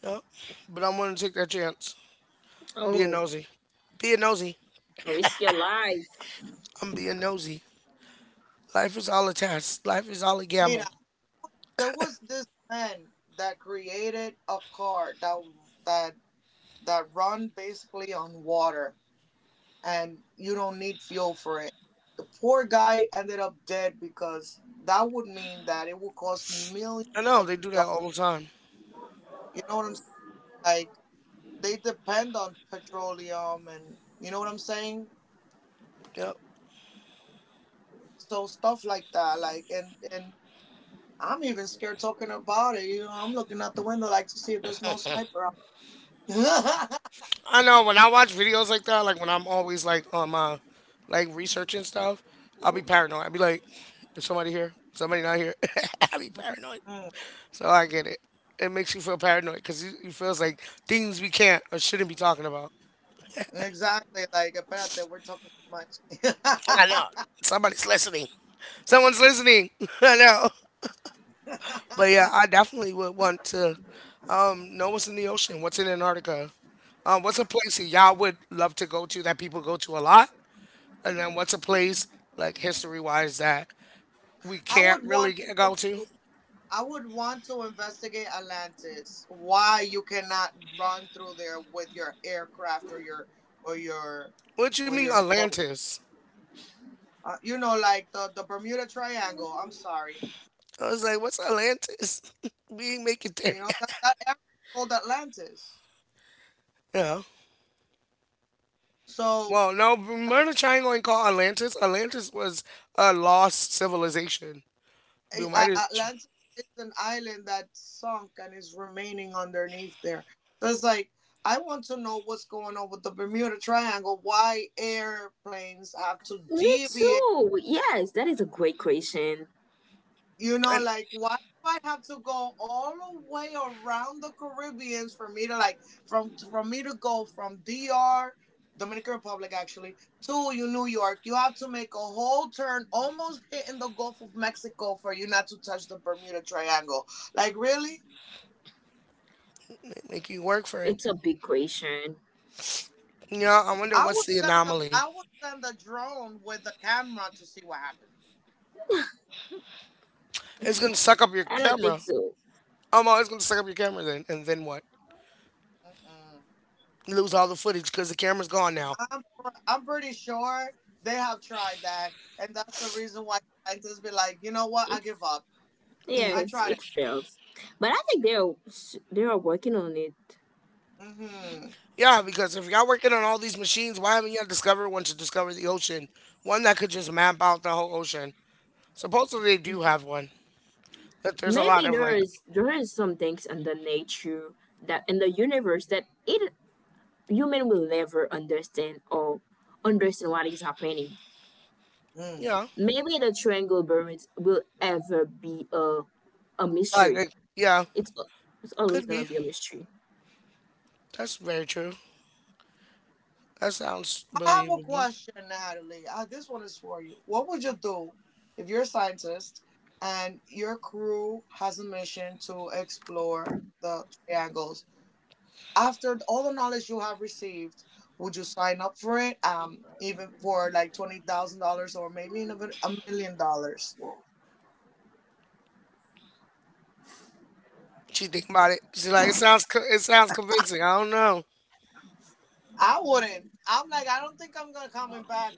Speaker 1: Yep. But I'm willing to take that chance.
Speaker 2: Mm.
Speaker 1: Being
Speaker 3: Oh,
Speaker 1: nosy. Being nosy.
Speaker 3: risk your life.
Speaker 1: I'm being nosy. Life is all a test. Life is all a
Speaker 2: Mira,
Speaker 1: gamble.
Speaker 2: there was this man that created a car that that run basically on water, and you don't need fuel for it. The poor guy ended up dead because that would mean that it would cost millions
Speaker 1: I know,
Speaker 2: of
Speaker 1: they do that
Speaker 2: dollars.
Speaker 1: all the time.
Speaker 2: You know what I'm saying? They depend on petroleum, and you know what I'm saying?
Speaker 1: Yep.
Speaker 2: So stuff like that, like, and I'm even scared talking about it. You know, I'm looking out the window like to see if there's no sniper out.
Speaker 1: I know when I watch videos like that, like when I'm always like on my like researching stuff, I'll be paranoid. I'll be like, is somebody here? Somebody not here? I'll be paranoid.
Speaker 2: Mm,
Speaker 1: So
Speaker 2: mm.
Speaker 1: I get it. It makes you feel paranoid because you feels like things we can't or shouldn't be talking about.
Speaker 2: Exactly, like that we're talking too much.
Speaker 1: I know somebody's listening. Someone's listening. I know. But yeah, I definitely would want to know what's in the ocean, what's in Antarctica. What's a place that y'all would love to go to that people go to a lot, and then what's a place, like history wise, that we
Speaker 2: I
Speaker 1: can't
Speaker 2: would
Speaker 1: really
Speaker 2: want people
Speaker 1: go to?
Speaker 2: to I would want to investigate Atlantis. Why you cannot run through there with your aircraft or your
Speaker 1: What you
Speaker 2: or
Speaker 1: mean
Speaker 2: your boat.
Speaker 1: Atlantis?
Speaker 2: You know, like the Bermuda Triangle. I'm sorry.
Speaker 1: I was like, what's Atlantis? We ain't make it there
Speaker 2: You know,
Speaker 1: yet.
Speaker 2: that area is called Atlantis.
Speaker 1: Yeah.
Speaker 2: So,
Speaker 1: Well, no,
Speaker 2: like,
Speaker 1: Bermuda Triangle ain't called Atlantis. Atlantis was a lost civilization. Bermuda, Tr-
Speaker 2: Atlantis is an island that sunk and is remaining underneath there. So it's like, I want to know what's going on with the Bermuda Triangle, why airplanes have to
Speaker 3: Me
Speaker 2: deviate.
Speaker 3: too. Yes, that is a great question.
Speaker 2: You know,
Speaker 1: and
Speaker 2: like, why do I have to go all the way around the Caribbeans for me to go from DR, Dominican Republic actually, to you New York. You have to make a whole turn, almost hitting the Gulf of Mexico, for you not to touch the Bermuda Triangle. Like, really?
Speaker 1: they make you work for it.
Speaker 3: It's a big question.
Speaker 1: Yeah, I wonder what's the anomaly.
Speaker 2: I would send a drone with a camera to see what happens.
Speaker 1: It's gonna suck up your
Speaker 3: I don't
Speaker 1: camera.
Speaker 3: think so.
Speaker 1: Oh no, it's gonna suck up your camera then, and then what?
Speaker 2: Mm-mm.
Speaker 1: Lose all the footage because the camera's gone now.
Speaker 2: I'm pretty sure they have tried that, and that's the reason why scientists be like, you know what,
Speaker 3: It,
Speaker 2: I give up.
Speaker 1: Mm.
Speaker 2: I
Speaker 3: yes,
Speaker 2: tried it.
Speaker 3: it fails, but I think they're working on it.
Speaker 2: Mm-hmm.
Speaker 1: Yeah, because if y'all working on all these machines, why haven't y'all discovered one to discover the ocean? One that could just map out the whole ocean. Supposedly they do have one. That there's a lot
Speaker 3: Maybe
Speaker 1: of like,
Speaker 3: there is some things in the nature that in the universe that it human will never understand, or understand what is happening.
Speaker 2: Mm.
Speaker 1: yeah,
Speaker 3: Maybe the triangle birds will ever be a mystery.
Speaker 1: yeah,
Speaker 3: It's it's always
Speaker 1: could
Speaker 3: gonna
Speaker 1: be.
Speaker 3: be a mystery.
Speaker 1: That's very true. That sounds
Speaker 2: I have a
Speaker 1: believable.
Speaker 2: question, Natalie. This one is for you. What would you do if you're a scientist and your crew has a mission to explore the triangles? After all the knowledge you have received, would you sign up for it? Even for like $20,000, or maybe even $1 million?
Speaker 1: She think about it. She's like, it it sounds convincing. I don't know.
Speaker 2: I wouldn't. I'm like, I don't think I'm gonna coming back,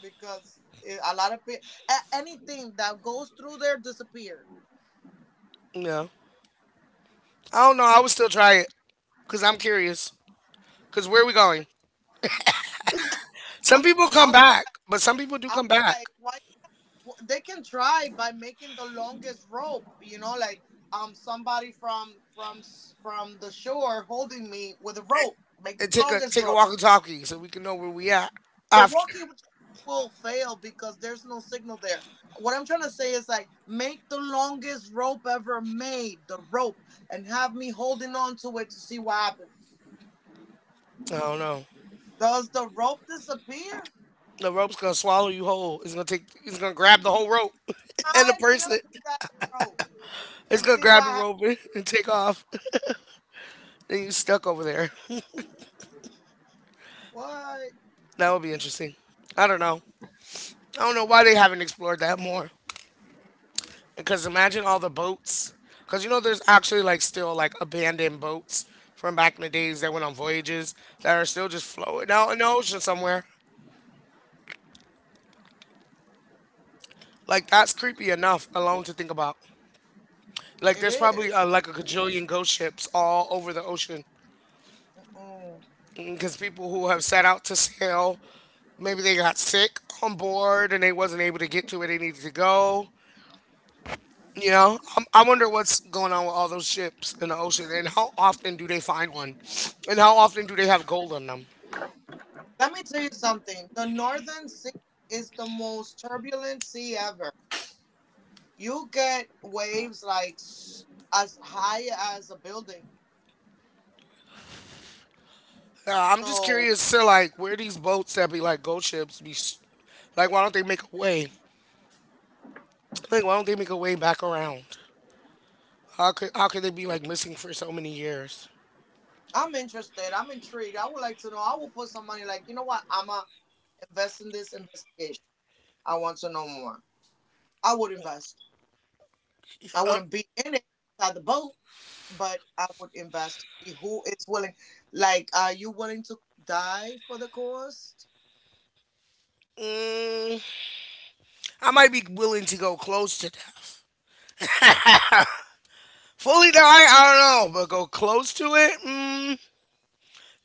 Speaker 2: because a lot of people, anything that goes through there disappear.
Speaker 1: No, I don't know. I would still try it because I'm curious. Because where are we going?
Speaker 2: I,
Speaker 1: Some people come
Speaker 2: I'll be
Speaker 1: back,
Speaker 2: like,
Speaker 1: but some people do
Speaker 2: I'll
Speaker 1: come
Speaker 2: be
Speaker 1: back
Speaker 2: like, why? They can try by making the longest rope, you know, like, somebody from the shore holding me with a
Speaker 1: and,
Speaker 2: rope. Make the
Speaker 1: and take a
Speaker 2: longest
Speaker 1: take a
Speaker 2: rope.
Speaker 1: walkie-talkie so we can know where we at
Speaker 2: The
Speaker 1: after.
Speaker 2: walking will fail because there's no signal there. What I'm trying to say is like, make the longest rope ever made, the rope, and have me holding on to it to see what happens.
Speaker 1: I don't know.
Speaker 2: Does the rope disappear?
Speaker 1: The rope's gonna swallow you whole. It's gonna take. It's gonna grab the whole rope and the
Speaker 2: Tie me
Speaker 1: person.
Speaker 2: up with that rope
Speaker 1: It's
Speaker 2: and
Speaker 1: gonna
Speaker 2: see
Speaker 1: grab
Speaker 2: what
Speaker 1: the rope
Speaker 2: happens.
Speaker 1: and take off. Then you stuck over there.
Speaker 2: What?
Speaker 1: That would be interesting. I don't know. I don't know why they haven't explored that more. Because imagine all the boats. Because you know, there's actually like still like abandoned boats from back in the days that went on voyages that are still just floating out in the ocean somewhere. Like that's creepy enough alone to think about. Like
Speaker 2: It
Speaker 1: there's
Speaker 2: is.
Speaker 1: probably like a gajillion ghost ships all over the ocean
Speaker 2: Mm.
Speaker 1: because people who have set out to sail maybe they got sick on board and they wasn't able to get to where they needed to go. You know, I wonder what's going on with all those ships in the ocean, and how often do they find one, and how often do they have gold on them?
Speaker 2: Let me tell you something. The Northern Sea is the most turbulent sea ever. You get waves as high as a building.
Speaker 1: I'm just
Speaker 2: So
Speaker 1: curious to like where these boats that be like gold ships be like why don't they make a way, like why don't they make a way back around, how could they be like missing for so many years?
Speaker 2: I'm interested. I'm intrigued. I would like to know. I will put some money. Like, you know what? I'm going to invest in this investigation. I want to know more. I would invest. I
Speaker 1: uh,
Speaker 2: wouldn't be in it, inside the boat, but I would invest to see who is willing. Like, are you willing to die for the cost?
Speaker 1: mm, I might be willing to go close to that. Fully die, I don't know, but go close to it,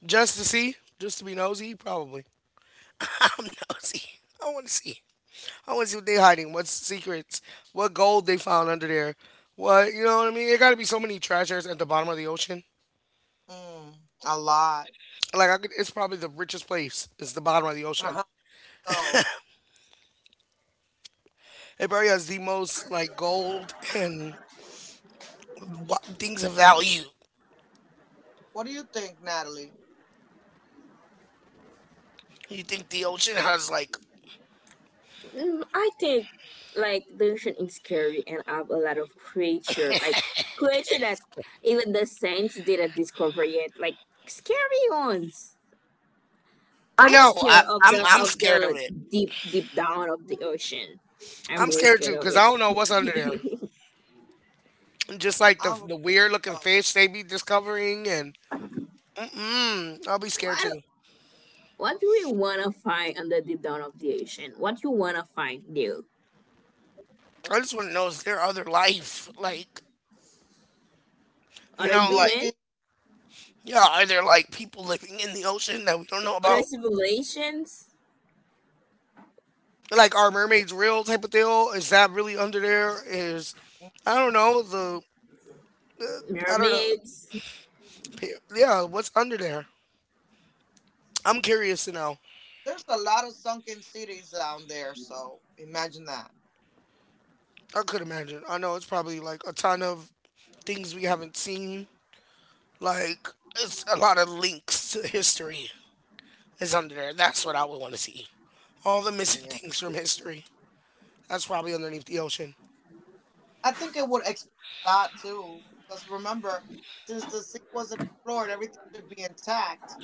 Speaker 1: just to see, just to be nosy, probably. I'm nosy. I want to see. I want to see what they hiding, what's secrets, what gold they found under there, what you know what I mean. There got to be so many treasures at the bottom of the ocean.
Speaker 2: Mm, a lot.
Speaker 1: Like I could, it's probably the richest place. It's the bottom of the ocean.
Speaker 2: Uh-huh. So,
Speaker 1: It probably has the most like gold and things of value.
Speaker 2: what do you think, Natalie?
Speaker 1: You think the ocean has like?
Speaker 3: Mm, I think like the ocean is scary and have a lot of creature, like creature that even the saints didn't discover yet, like scary ones.
Speaker 1: I
Speaker 3: I'm
Speaker 1: know.
Speaker 3: scared of
Speaker 1: I'm scared of
Speaker 3: the
Speaker 1: it.
Speaker 3: deep deep down of the ocean. I'm
Speaker 1: I'm
Speaker 3: really
Speaker 1: scared
Speaker 3: scared
Speaker 1: too
Speaker 3: of
Speaker 1: because I
Speaker 3: it.
Speaker 1: don't know what's under there. Just like the
Speaker 2: I'm afraid
Speaker 1: weird looking
Speaker 2: of
Speaker 1: fish they be discovering, and mm-mm, I'll be scared
Speaker 3: what
Speaker 1: too.
Speaker 3: what do we wanna find on the deep down of the ocean? What you wanna find there?
Speaker 1: I just want to know is there other life? Like, you
Speaker 3: Other
Speaker 1: know, like,
Speaker 3: human?
Speaker 2: species.
Speaker 1: yeah, are there like people living in the ocean that we don't know
Speaker 3: Other
Speaker 1: about?
Speaker 3: civilizations?
Speaker 1: Like, are mermaids real type of deal? Is that really under there? Is, I don't know, the, uh, I don't know.
Speaker 3: Mermaids?
Speaker 1: Yeah, what's under there? I'm curious to know.
Speaker 2: There's a lot of sunken cities down there, so imagine that.
Speaker 1: I could imagine. I know it's probably like a ton of things we haven't seen. Like, it's a lot of links to history is under there. That's what I would want to see. All the missing
Speaker 2: Yeah.
Speaker 1: things from history. That's probably underneath the ocean.
Speaker 2: I think it would explain a lot too, because remember, since the sea wasn't explored, everything should be intact.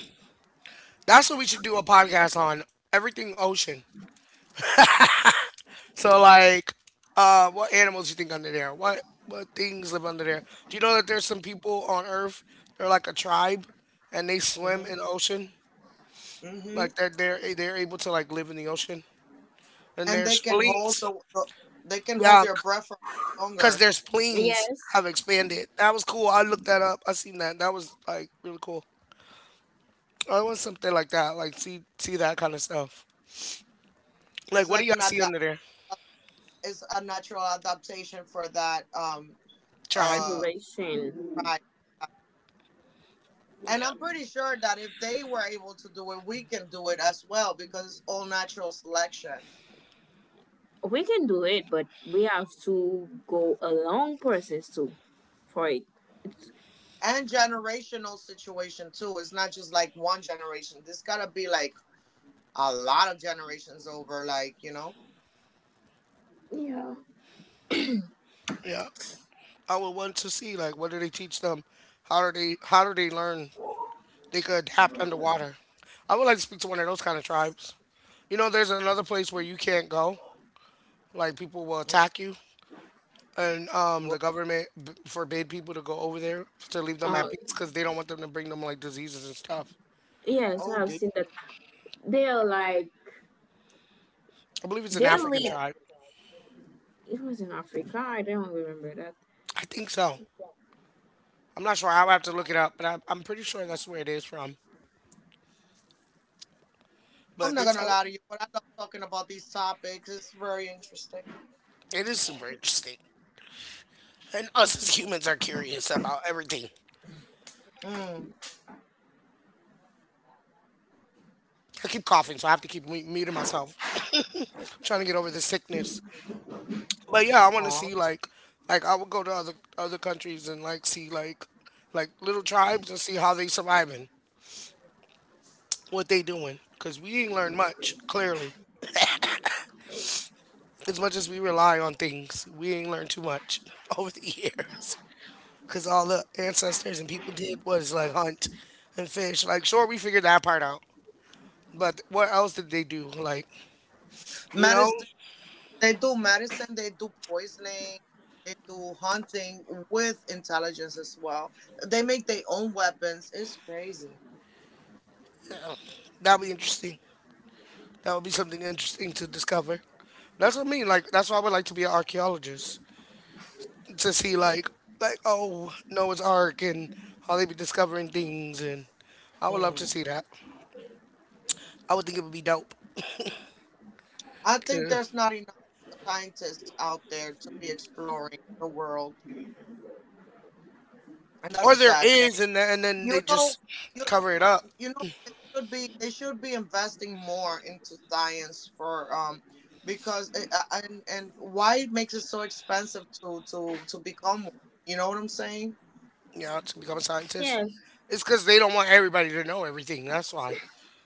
Speaker 1: That's what we should do a podcast on. Everything ocean. So like, what animals do you think under there? What things live under there? Do you know that there's some people on Earth? They're like a tribe, and they swim
Speaker 2: Hmm.
Speaker 1: in the ocean.
Speaker 2: Hmm.
Speaker 1: Like they're able to like live in the ocean. And
Speaker 2: And
Speaker 1: their
Speaker 2: they can hold
Speaker 1: spleens,
Speaker 2: the, they can hold
Speaker 1: yeah,
Speaker 2: their breath for
Speaker 1: because
Speaker 2: longer.
Speaker 1: their spleens
Speaker 3: Yes.
Speaker 1: have expanded. That was cool. I looked that up. I seen that. That was like really cool. I want something like that. Like see that kind of stuff.
Speaker 2: It's
Speaker 1: Like what do
Speaker 2: like
Speaker 1: y'all
Speaker 2: an ad-
Speaker 1: see under there?
Speaker 2: It's a natural adaptation for that,
Speaker 1: Tribe.
Speaker 2: uh
Speaker 3: Civilization.
Speaker 2: fry. And I'm pretty sure that if they were able to do it, we can do it as well, because it's all natural selection
Speaker 3: We can do it, but we have to go a long process too for it. It's,
Speaker 2: and generational situation too. It's not just like one generation. This gotta be like a lot of generations over, like, you know.
Speaker 3: yeah.
Speaker 1: Yeah. I would want to see like what do they teach them? How do they learn they could adapt underwater? I would like to speak to one of those kind of tribes. You know, there's another place where you can't go. Like people will
Speaker 2: Mm,
Speaker 1: attack you, and the
Speaker 2: well,
Speaker 1: government b- forbid people to go over there to leave them at
Speaker 3: Uh,
Speaker 1: peace because they don't want them to bring them like diseases and stuff.
Speaker 3: yes,
Speaker 2: oh
Speaker 3: I've
Speaker 2: dear.
Speaker 3: seen that. They're like
Speaker 1: I believe it's an
Speaker 3: they
Speaker 1: African
Speaker 3: live.
Speaker 1: tribe.
Speaker 3: It was in Africa. I don't remember that.
Speaker 1: I think so. I'm not sure. I'll have to look it up, but I'm pretty sure that's where it is from.
Speaker 2: I'm
Speaker 1: But
Speaker 2: not
Speaker 1: there's
Speaker 2: gonna
Speaker 1: how
Speaker 2: lie to you, but I love talking about these topics. It's very interesting.
Speaker 1: it is super interesting. And us as humans are curious about everything.
Speaker 2: Mm.
Speaker 1: I keep coughing, so I have to keep mu- muting myself. I'm trying to get over the sickness. But yeah, I want to
Speaker 2: Aw.
Speaker 1: see like I would go to other countries and like see like little tribes and see how they surviving, what they doing. Cause we ain't learned much clearly. As much as we rely on things, we ain't learned too much over the years. Cause all the ancestors and people did was like hunt and fish. Like sure, we figured that part out. But what else did they do? Like, you know,
Speaker 2: Medicine. They do medicine, they do poisoning, they do hunting with intelligence as well. They make their own weapons. It's crazy.
Speaker 1: that would be interesting. That would be something interesting to discover. That's what I mean. Like, that's why I would like to be an archaeologist to see, like oh, Noah's Ark and how they be discovering things, and I would love to
Speaker 2: Mm.
Speaker 1: see that. I would think it would be dope.
Speaker 2: I think
Speaker 1: To,
Speaker 2: there's not enough scientists out there to be exploring the world, and that's
Speaker 1: or
Speaker 2: a
Speaker 1: there
Speaker 2: sad shame.
Speaker 1: is, and then
Speaker 2: You
Speaker 1: they
Speaker 2: know,
Speaker 1: just
Speaker 2: you
Speaker 1: cover it up.
Speaker 2: you know they should be, investing more into science, for because it, and why it makes it so expensive to become one. You know what I'm saying?
Speaker 1: You know, to become a scientist.
Speaker 3: Yes,
Speaker 1: It's because they don't want everybody to know everything. That's why.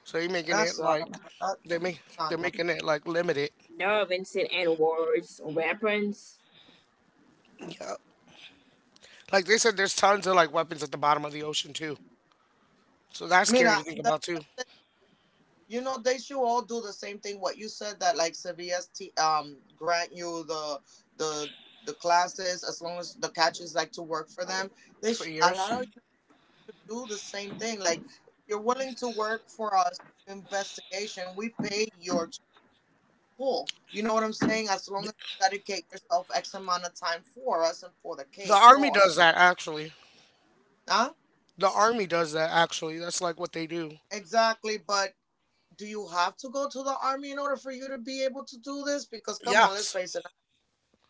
Speaker 1: So they're making it
Speaker 2: That's
Speaker 1: like
Speaker 2: not
Speaker 1: they make they're
Speaker 2: not.
Speaker 1: making it like limited.
Speaker 3: there have been seen and wars, weapons.
Speaker 1: Yeah. Like they said, there's tons of like weapons at the bottom of the ocean too. So that's
Speaker 2: Mira,
Speaker 1: scary to think about too
Speaker 2: you know they should all do the same thing. What you said, that like Sevilla's, grant you the the classes as long as the catches like to work for them. They
Speaker 1: for
Speaker 2: should
Speaker 1: years.
Speaker 2: allow you to do the same thing. Like, if you're willing to work for us investigation, we pay your full. You know what I'm saying? As long as you dedicate yourself X amount of time for us and for the
Speaker 1: The
Speaker 2: cake
Speaker 1: army does
Speaker 2: cause.
Speaker 1: that actually.
Speaker 2: Huh?
Speaker 1: The army does that actually. That's like what they do.
Speaker 2: Exactly, but do you have to go to the army in order for you to be able to do this? Because come on, let's
Speaker 1: Yes,
Speaker 2: face it,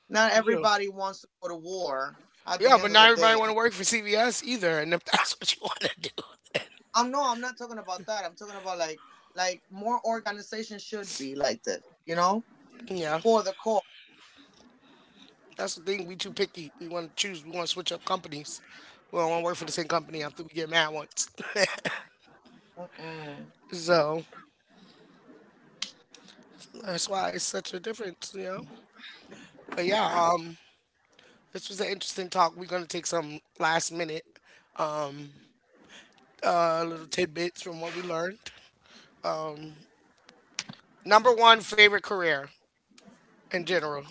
Speaker 2: not
Speaker 1: you do.
Speaker 2: everybody wants to go to war at the
Speaker 1: Yeah,
Speaker 2: end
Speaker 1: but
Speaker 2: of
Speaker 1: not
Speaker 2: the
Speaker 1: everybody
Speaker 2: day.
Speaker 1: want to work for CVS either. And if that's what you want to
Speaker 2: No, I'm not talking about that. I'm talking about like more organizations should be like this, you know,
Speaker 1: do, yeah,
Speaker 2: for the cause.
Speaker 1: that's the thing. We too picky. We want to choose. We want to switch up companies. We don't want to work for the same company after we get mad once.
Speaker 2: Mm-mm.
Speaker 1: So that's why it's such a difference, you know. But yeah, this was an interesting talk. We're gonna take some last minute little tidbits from what we learned. Number one, favorite career in general.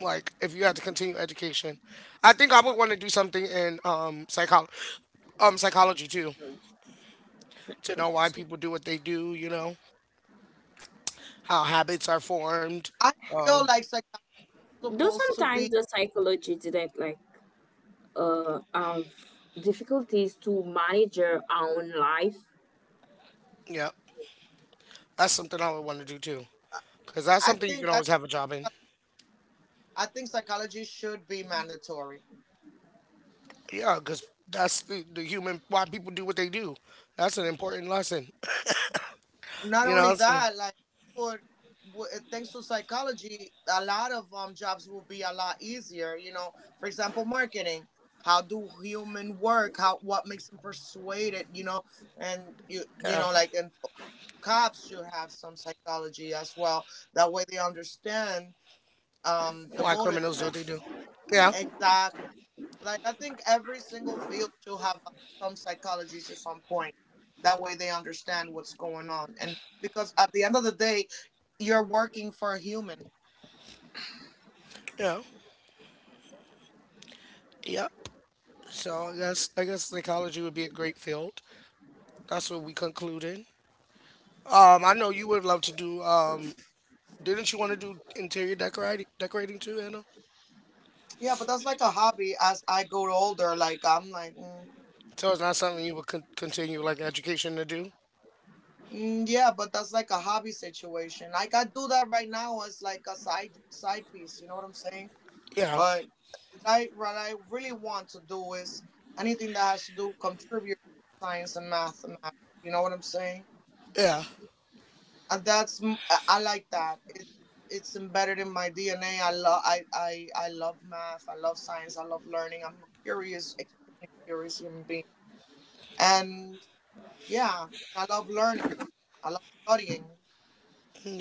Speaker 1: Like, if you had to continue education, I think I would want to do something in psychology, psychology too, to know why
Speaker 3: Psychology.
Speaker 1: people do what they do. You know how habits are formed.
Speaker 2: I
Speaker 1: Um,
Speaker 2: feel like psychology is
Speaker 3: Though
Speaker 2: supposed to
Speaker 3: sometimes
Speaker 2: be.
Speaker 3: the psychology didn't like have difficulties to manage your own life.
Speaker 1: yeah, that's something I would want to do too, because that's
Speaker 2: I
Speaker 1: something you can
Speaker 2: think I
Speaker 1: always
Speaker 2: think
Speaker 1: have a job in.
Speaker 2: I think psychology should be mandatory.
Speaker 1: Yeah, because that's the human why people do what they do. That's an important lesson.
Speaker 2: Not
Speaker 1: You
Speaker 2: only
Speaker 1: know, so,
Speaker 2: that, like for thanks to psychology, a lot of jobs will be a lot easier. You know, for example, marketing. How do human work? How what makes them persuaded? You know, and
Speaker 1: yeah,
Speaker 2: cops should have some psychology as well. That way they understand the
Speaker 1: why
Speaker 2: motive.
Speaker 1: criminals do what they do. Yeah,
Speaker 2: Exactly. Like I think every single field should have some psychologists at some point. That way they understand what's going on. And because at the end of the day, you're working for a human.
Speaker 1: yeah. Yep. So I guess psychology would be a great field. That's what we concluded. I know you would love to do. Didn't you want to do interior decorating too, Anna?
Speaker 2: Yeah, but that's like a hobby. As I go older, like I'm like, mm,
Speaker 1: So it's not something you would con- continue like education to do.
Speaker 2: mm, yeah, but that's like a hobby situation. Like I do that right now as like a side piece. You know what I'm saying?
Speaker 1: Yeah.
Speaker 2: But I what I really want to do is anything that has to do contribute science and mathematics. You know what I'm saying?
Speaker 1: Yeah.
Speaker 2: I like that. It's embedded in my DNA. I love math. I love science. I love learning. I'm a curious, extremely curious human being. And yeah, I love learning. I love studying.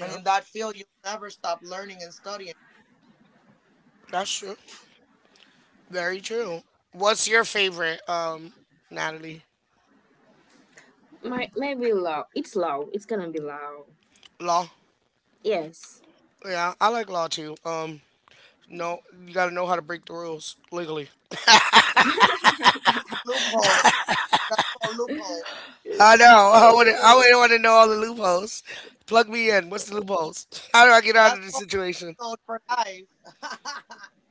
Speaker 2: And in that field, you'll never stop learning and studying.
Speaker 1: That's true. Very true. What's your favorite, Natalie?
Speaker 3: Might maybe low. It's low. It's gonna be low.
Speaker 1: Law.
Speaker 3: Yes.
Speaker 1: Yeah, I like law too. No, you gotta know how to break the rules legally.
Speaker 2: Loopholes. That's called loopholes.
Speaker 1: I know. I would. I
Speaker 3: Eh,
Speaker 1: would want to know all the loopholes. Plug me in. What's the loopholes? How do I get out of
Speaker 2: That's
Speaker 1: this
Speaker 2: called
Speaker 1: situation?
Speaker 2: code for life.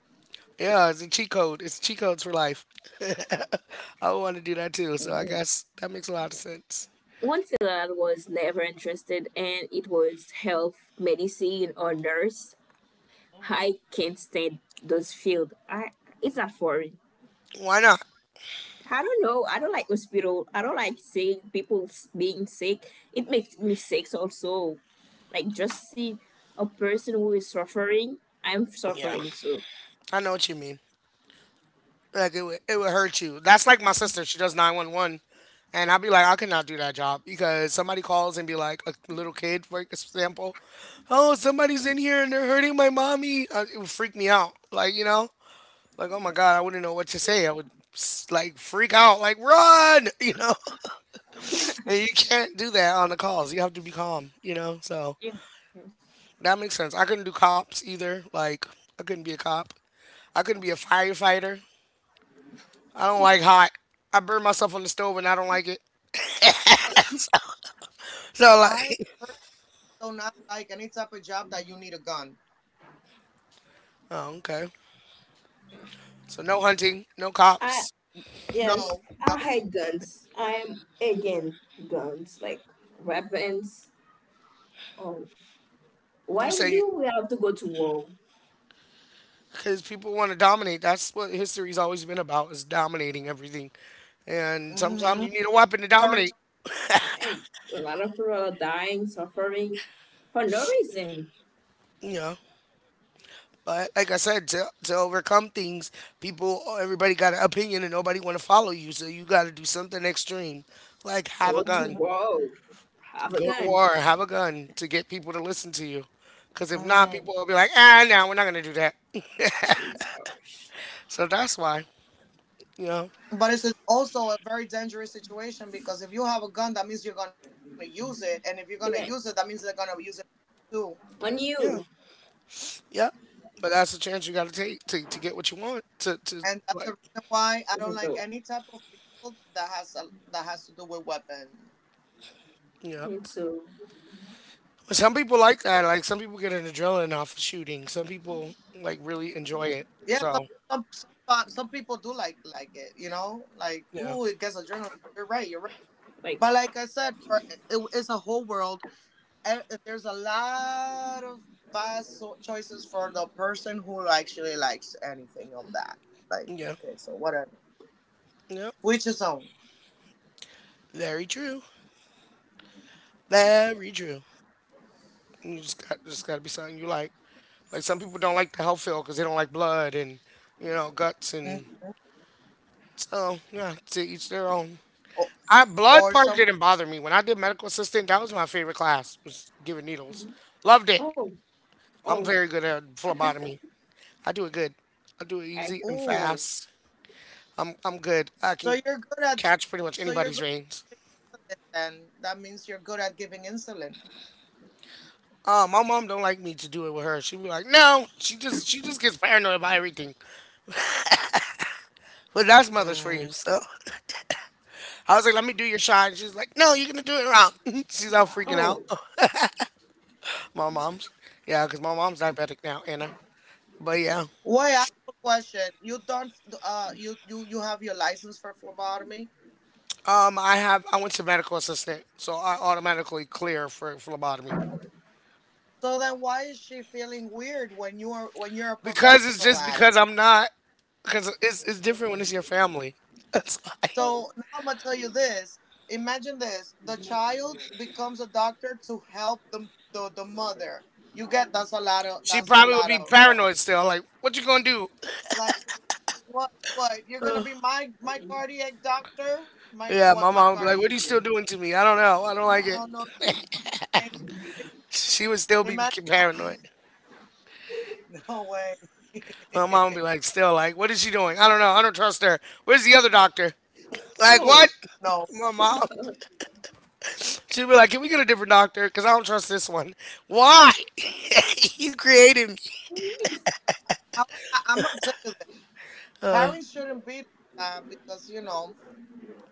Speaker 1: Yeah, it's a cheat code. It's cheat codes for life. I would want to do that too. So I guess that makes a lot of sense.
Speaker 3: one thing that I was never interested in it was health, medicine or nurse.
Speaker 2: Hmm.
Speaker 3: I can't stand those field. I, it's not for me.
Speaker 1: Why not?
Speaker 3: I don't know. I don't like hospital. I don't like seeing people being sick. It makes me sick also. Like just see a person who is suffering. I'm
Speaker 1: Yeah,
Speaker 3: suffering too.
Speaker 1: I know what you mean. Like it would hurt you. That's like my sister. She does 911, and I'd be like, I cannot do that job because somebody calls and be like a little kid, for example, oh somebody's in here and they're hurting my mommy. It would freak me out. Like you know, like, oh my God, I wouldn't know what to say. I would like freak out, like run, you know. And you can't do that on the calls. You have to be calm, you know. So
Speaker 3: Yeah. Yes.
Speaker 1: that makes sense. I couldn't do cops either. Like I couldn't be a cop. I couldn't be a firefighter. I don't like hot. I burn myself on the stove and I don't like it. So
Speaker 2: I
Speaker 1: like,
Speaker 2: personally do not like any type of job that you need a gun.
Speaker 1: oh okay. So no hunting, no
Speaker 3: I
Speaker 1: cops.
Speaker 3: yes,
Speaker 2: No, no.
Speaker 3: I hate guns. I'm again guns, like weapons. Oh, why
Speaker 1: You say
Speaker 3: do we have to go to war?
Speaker 1: because people want to dominate. That's what history's always been about is dominating everything. And sometimes
Speaker 2: Mm-hmm.
Speaker 1: you need a weapon to
Speaker 2: Territory.
Speaker 1: dominate.
Speaker 3: Right, a lot of people are dying, suffering for no reason.
Speaker 1: Yeah. But like I said, to overcome things, people everybody got an opinion and nobody want to follow you, so you got to do something extreme, like have
Speaker 3: Go
Speaker 1: a
Speaker 3: to
Speaker 1: gun,
Speaker 3: war, have a
Speaker 1: go to
Speaker 3: gun.
Speaker 1: war, have a gun to get people to listen to you. Because if not, people
Speaker 2: Hmm.
Speaker 1: will be like, ah, no, we're not gonna do that.
Speaker 3: That is harsh.
Speaker 1: So that's why, you know,
Speaker 2: But it's also a very dangerous situation because if you have a gun, that means you're gonna use it, and if you're gonna use it, that means they're
Speaker 3: Events
Speaker 2: gonna use it too.
Speaker 3: on
Speaker 1: yeah,
Speaker 3: you,
Speaker 1: yeah. But that's the chance you got to take to get what you want. To
Speaker 2: And that's the
Speaker 1: like,
Speaker 2: reason why I don't
Speaker 3: the
Speaker 2: like
Speaker 3: dog,
Speaker 2: any type of field that that has to do with weapon.
Speaker 1: yeah.
Speaker 3: and so,
Speaker 1: But some people like that. Like some people get an adrenaline off of shooting. Some people like really enjoy it.
Speaker 2: Yeah, some
Speaker 1: So
Speaker 2: some some, uh, some people do like it, you know, like
Speaker 1: yeah,
Speaker 2: ooh, it gets adrenaline. You're right, you're right.
Speaker 3: like,
Speaker 2: But like I said, for it, it's a whole world and there's a lot of vast choices for the person who actually likes anything of that. Like,
Speaker 1: yeah,
Speaker 2: okay, so whatever.
Speaker 1: yeah.
Speaker 2: Which is own.
Speaker 1: Very true. Very true. And you just got to be something you like. Like some people don't like the health field because they don't like blood and you know guts and
Speaker 2: Mhm.
Speaker 1: so yeah. To each their own.
Speaker 2: Or,
Speaker 1: I blood
Speaker 2: or
Speaker 1: part
Speaker 2: some.
Speaker 1: didn't bother me when I did medical assistant. That was my favorite class. Was giving needles. Loved it.
Speaker 3: oh,
Speaker 1: I'm
Speaker 3: oh,
Speaker 1: very good at phlebotomy. I do it good. I do it
Speaker 3: and
Speaker 1: easy and
Speaker 2: Ooh.
Speaker 1: fast. I'm good. I
Speaker 2: So
Speaker 1: can
Speaker 2: you're good at.
Speaker 1: catch pretty much
Speaker 2: So you're
Speaker 1: anybody's
Speaker 2: good
Speaker 1: veins.
Speaker 2: at then. That means you're good at giving insulin.
Speaker 1: My mom don't like me to do it with her. She be like, no. She just gets paranoid about everything. But that's mother's for you.
Speaker 2: Mm.
Speaker 1: So I was like, let me do your shot. And she's like, no, you're going to do it wrong. She's all freaking out.
Speaker 3: oh,
Speaker 1: My mom's. Yeah, because my mom's diabetic now, Anna. But yeah.
Speaker 2: Wait, I have a question. You don't. You have your license for phlebotomy.
Speaker 1: I went to medical assistant, so I automatically clear for phlebotomy
Speaker 2: So then, why is she feeling weird when you are when you're a
Speaker 1: because it's
Speaker 2: professional
Speaker 1: just
Speaker 2: at it?
Speaker 1: because I'm not because it's different when it's your family. That's why
Speaker 2: So now I'm gonna tell you this. Imagine this: the child becomes a doctor to help the mother. You get
Speaker 1: she
Speaker 2: that's a
Speaker 1: probably would
Speaker 2: lot
Speaker 1: be
Speaker 2: of
Speaker 1: paranoid still. Like, what you gonna do?
Speaker 2: like what you're gonna be my cardiac doctor my
Speaker 1: Yeah,
Speaker 2: what
Speaker 1: my
Speaker 2: my
Speaker 1: mom would be like,
Speaker 2: cardiac
Speaker 1: "What are you still doing to me? I don't know. I don't
Speaker 2: no
Speaker 1: like it."
Speaker 2: no no no.
Speaker 1: She would still be
Speaker 2: Imagine
Speaker 1: paranoid.
Speaker 2: no no, no, way.
Speaker 1: My mom would be like, still like, what is she doing? I don't know. I don't trust her. Where's the other doctor? Like,
Speaker 3: oh,
Speaker 1: what?
Speaker 2: No,
Speaker 1: My mom. She'd be like, can we get a different doctor? Because I don't trust this one. Why? You created me.
Speaker 3: miss.
Speaker 2: I, I'm gonna tell you this, parents shouldn't be like that because you know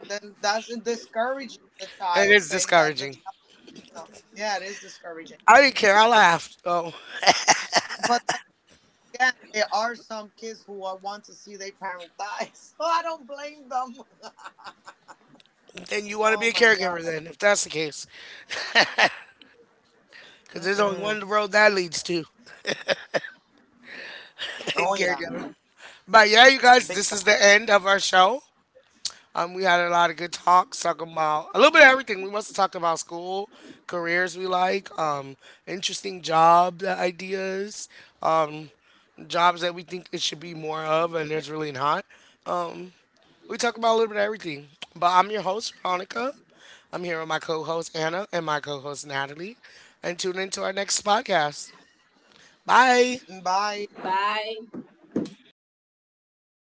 Speaker 2: then that's discouraging the
Speaker 1: And
Speaker 2: child
Speaker 1: it's
Speaker 2: saying that the
Speaker 1: discouraging.
Speaker 2: So, yeah, it is discouraging.
Speaker 1: I didn't care. I laughed. Oh,
Speaker 2: But again, there are some kids who are, want to see their parent die, so I don't blame them.
Speaker 1: then you want to
Speaker 2: Oh
Speaker 1: be a
Speaker 2: my
Speaker 1: caregiver
Speaker 2: god.
Speaker 1: then, if that's the case. Because there's only
Speaker 2: Mm-mm.
Speaker 1: one road that leads to
Speaker 2: Oh yeah,
Speaker 1: caregiver. But yeah, you guys,
Speaker 2: big
Speaker 1: this is the end of our show. We had a lot of good talks talking about a little bit of everything. We must have talked about school, careers we like, interesting job ideas, um, jobs that we think it should be more of, and there's really not. Um, we talk about a little bit of everything. But I'm your host, Veronica. I'm here with my co host, Anna, and my co host, Natalie. And tune into our next podcast. Bye.
Speaker 2: time. Bye.
Speaker 3: Bye.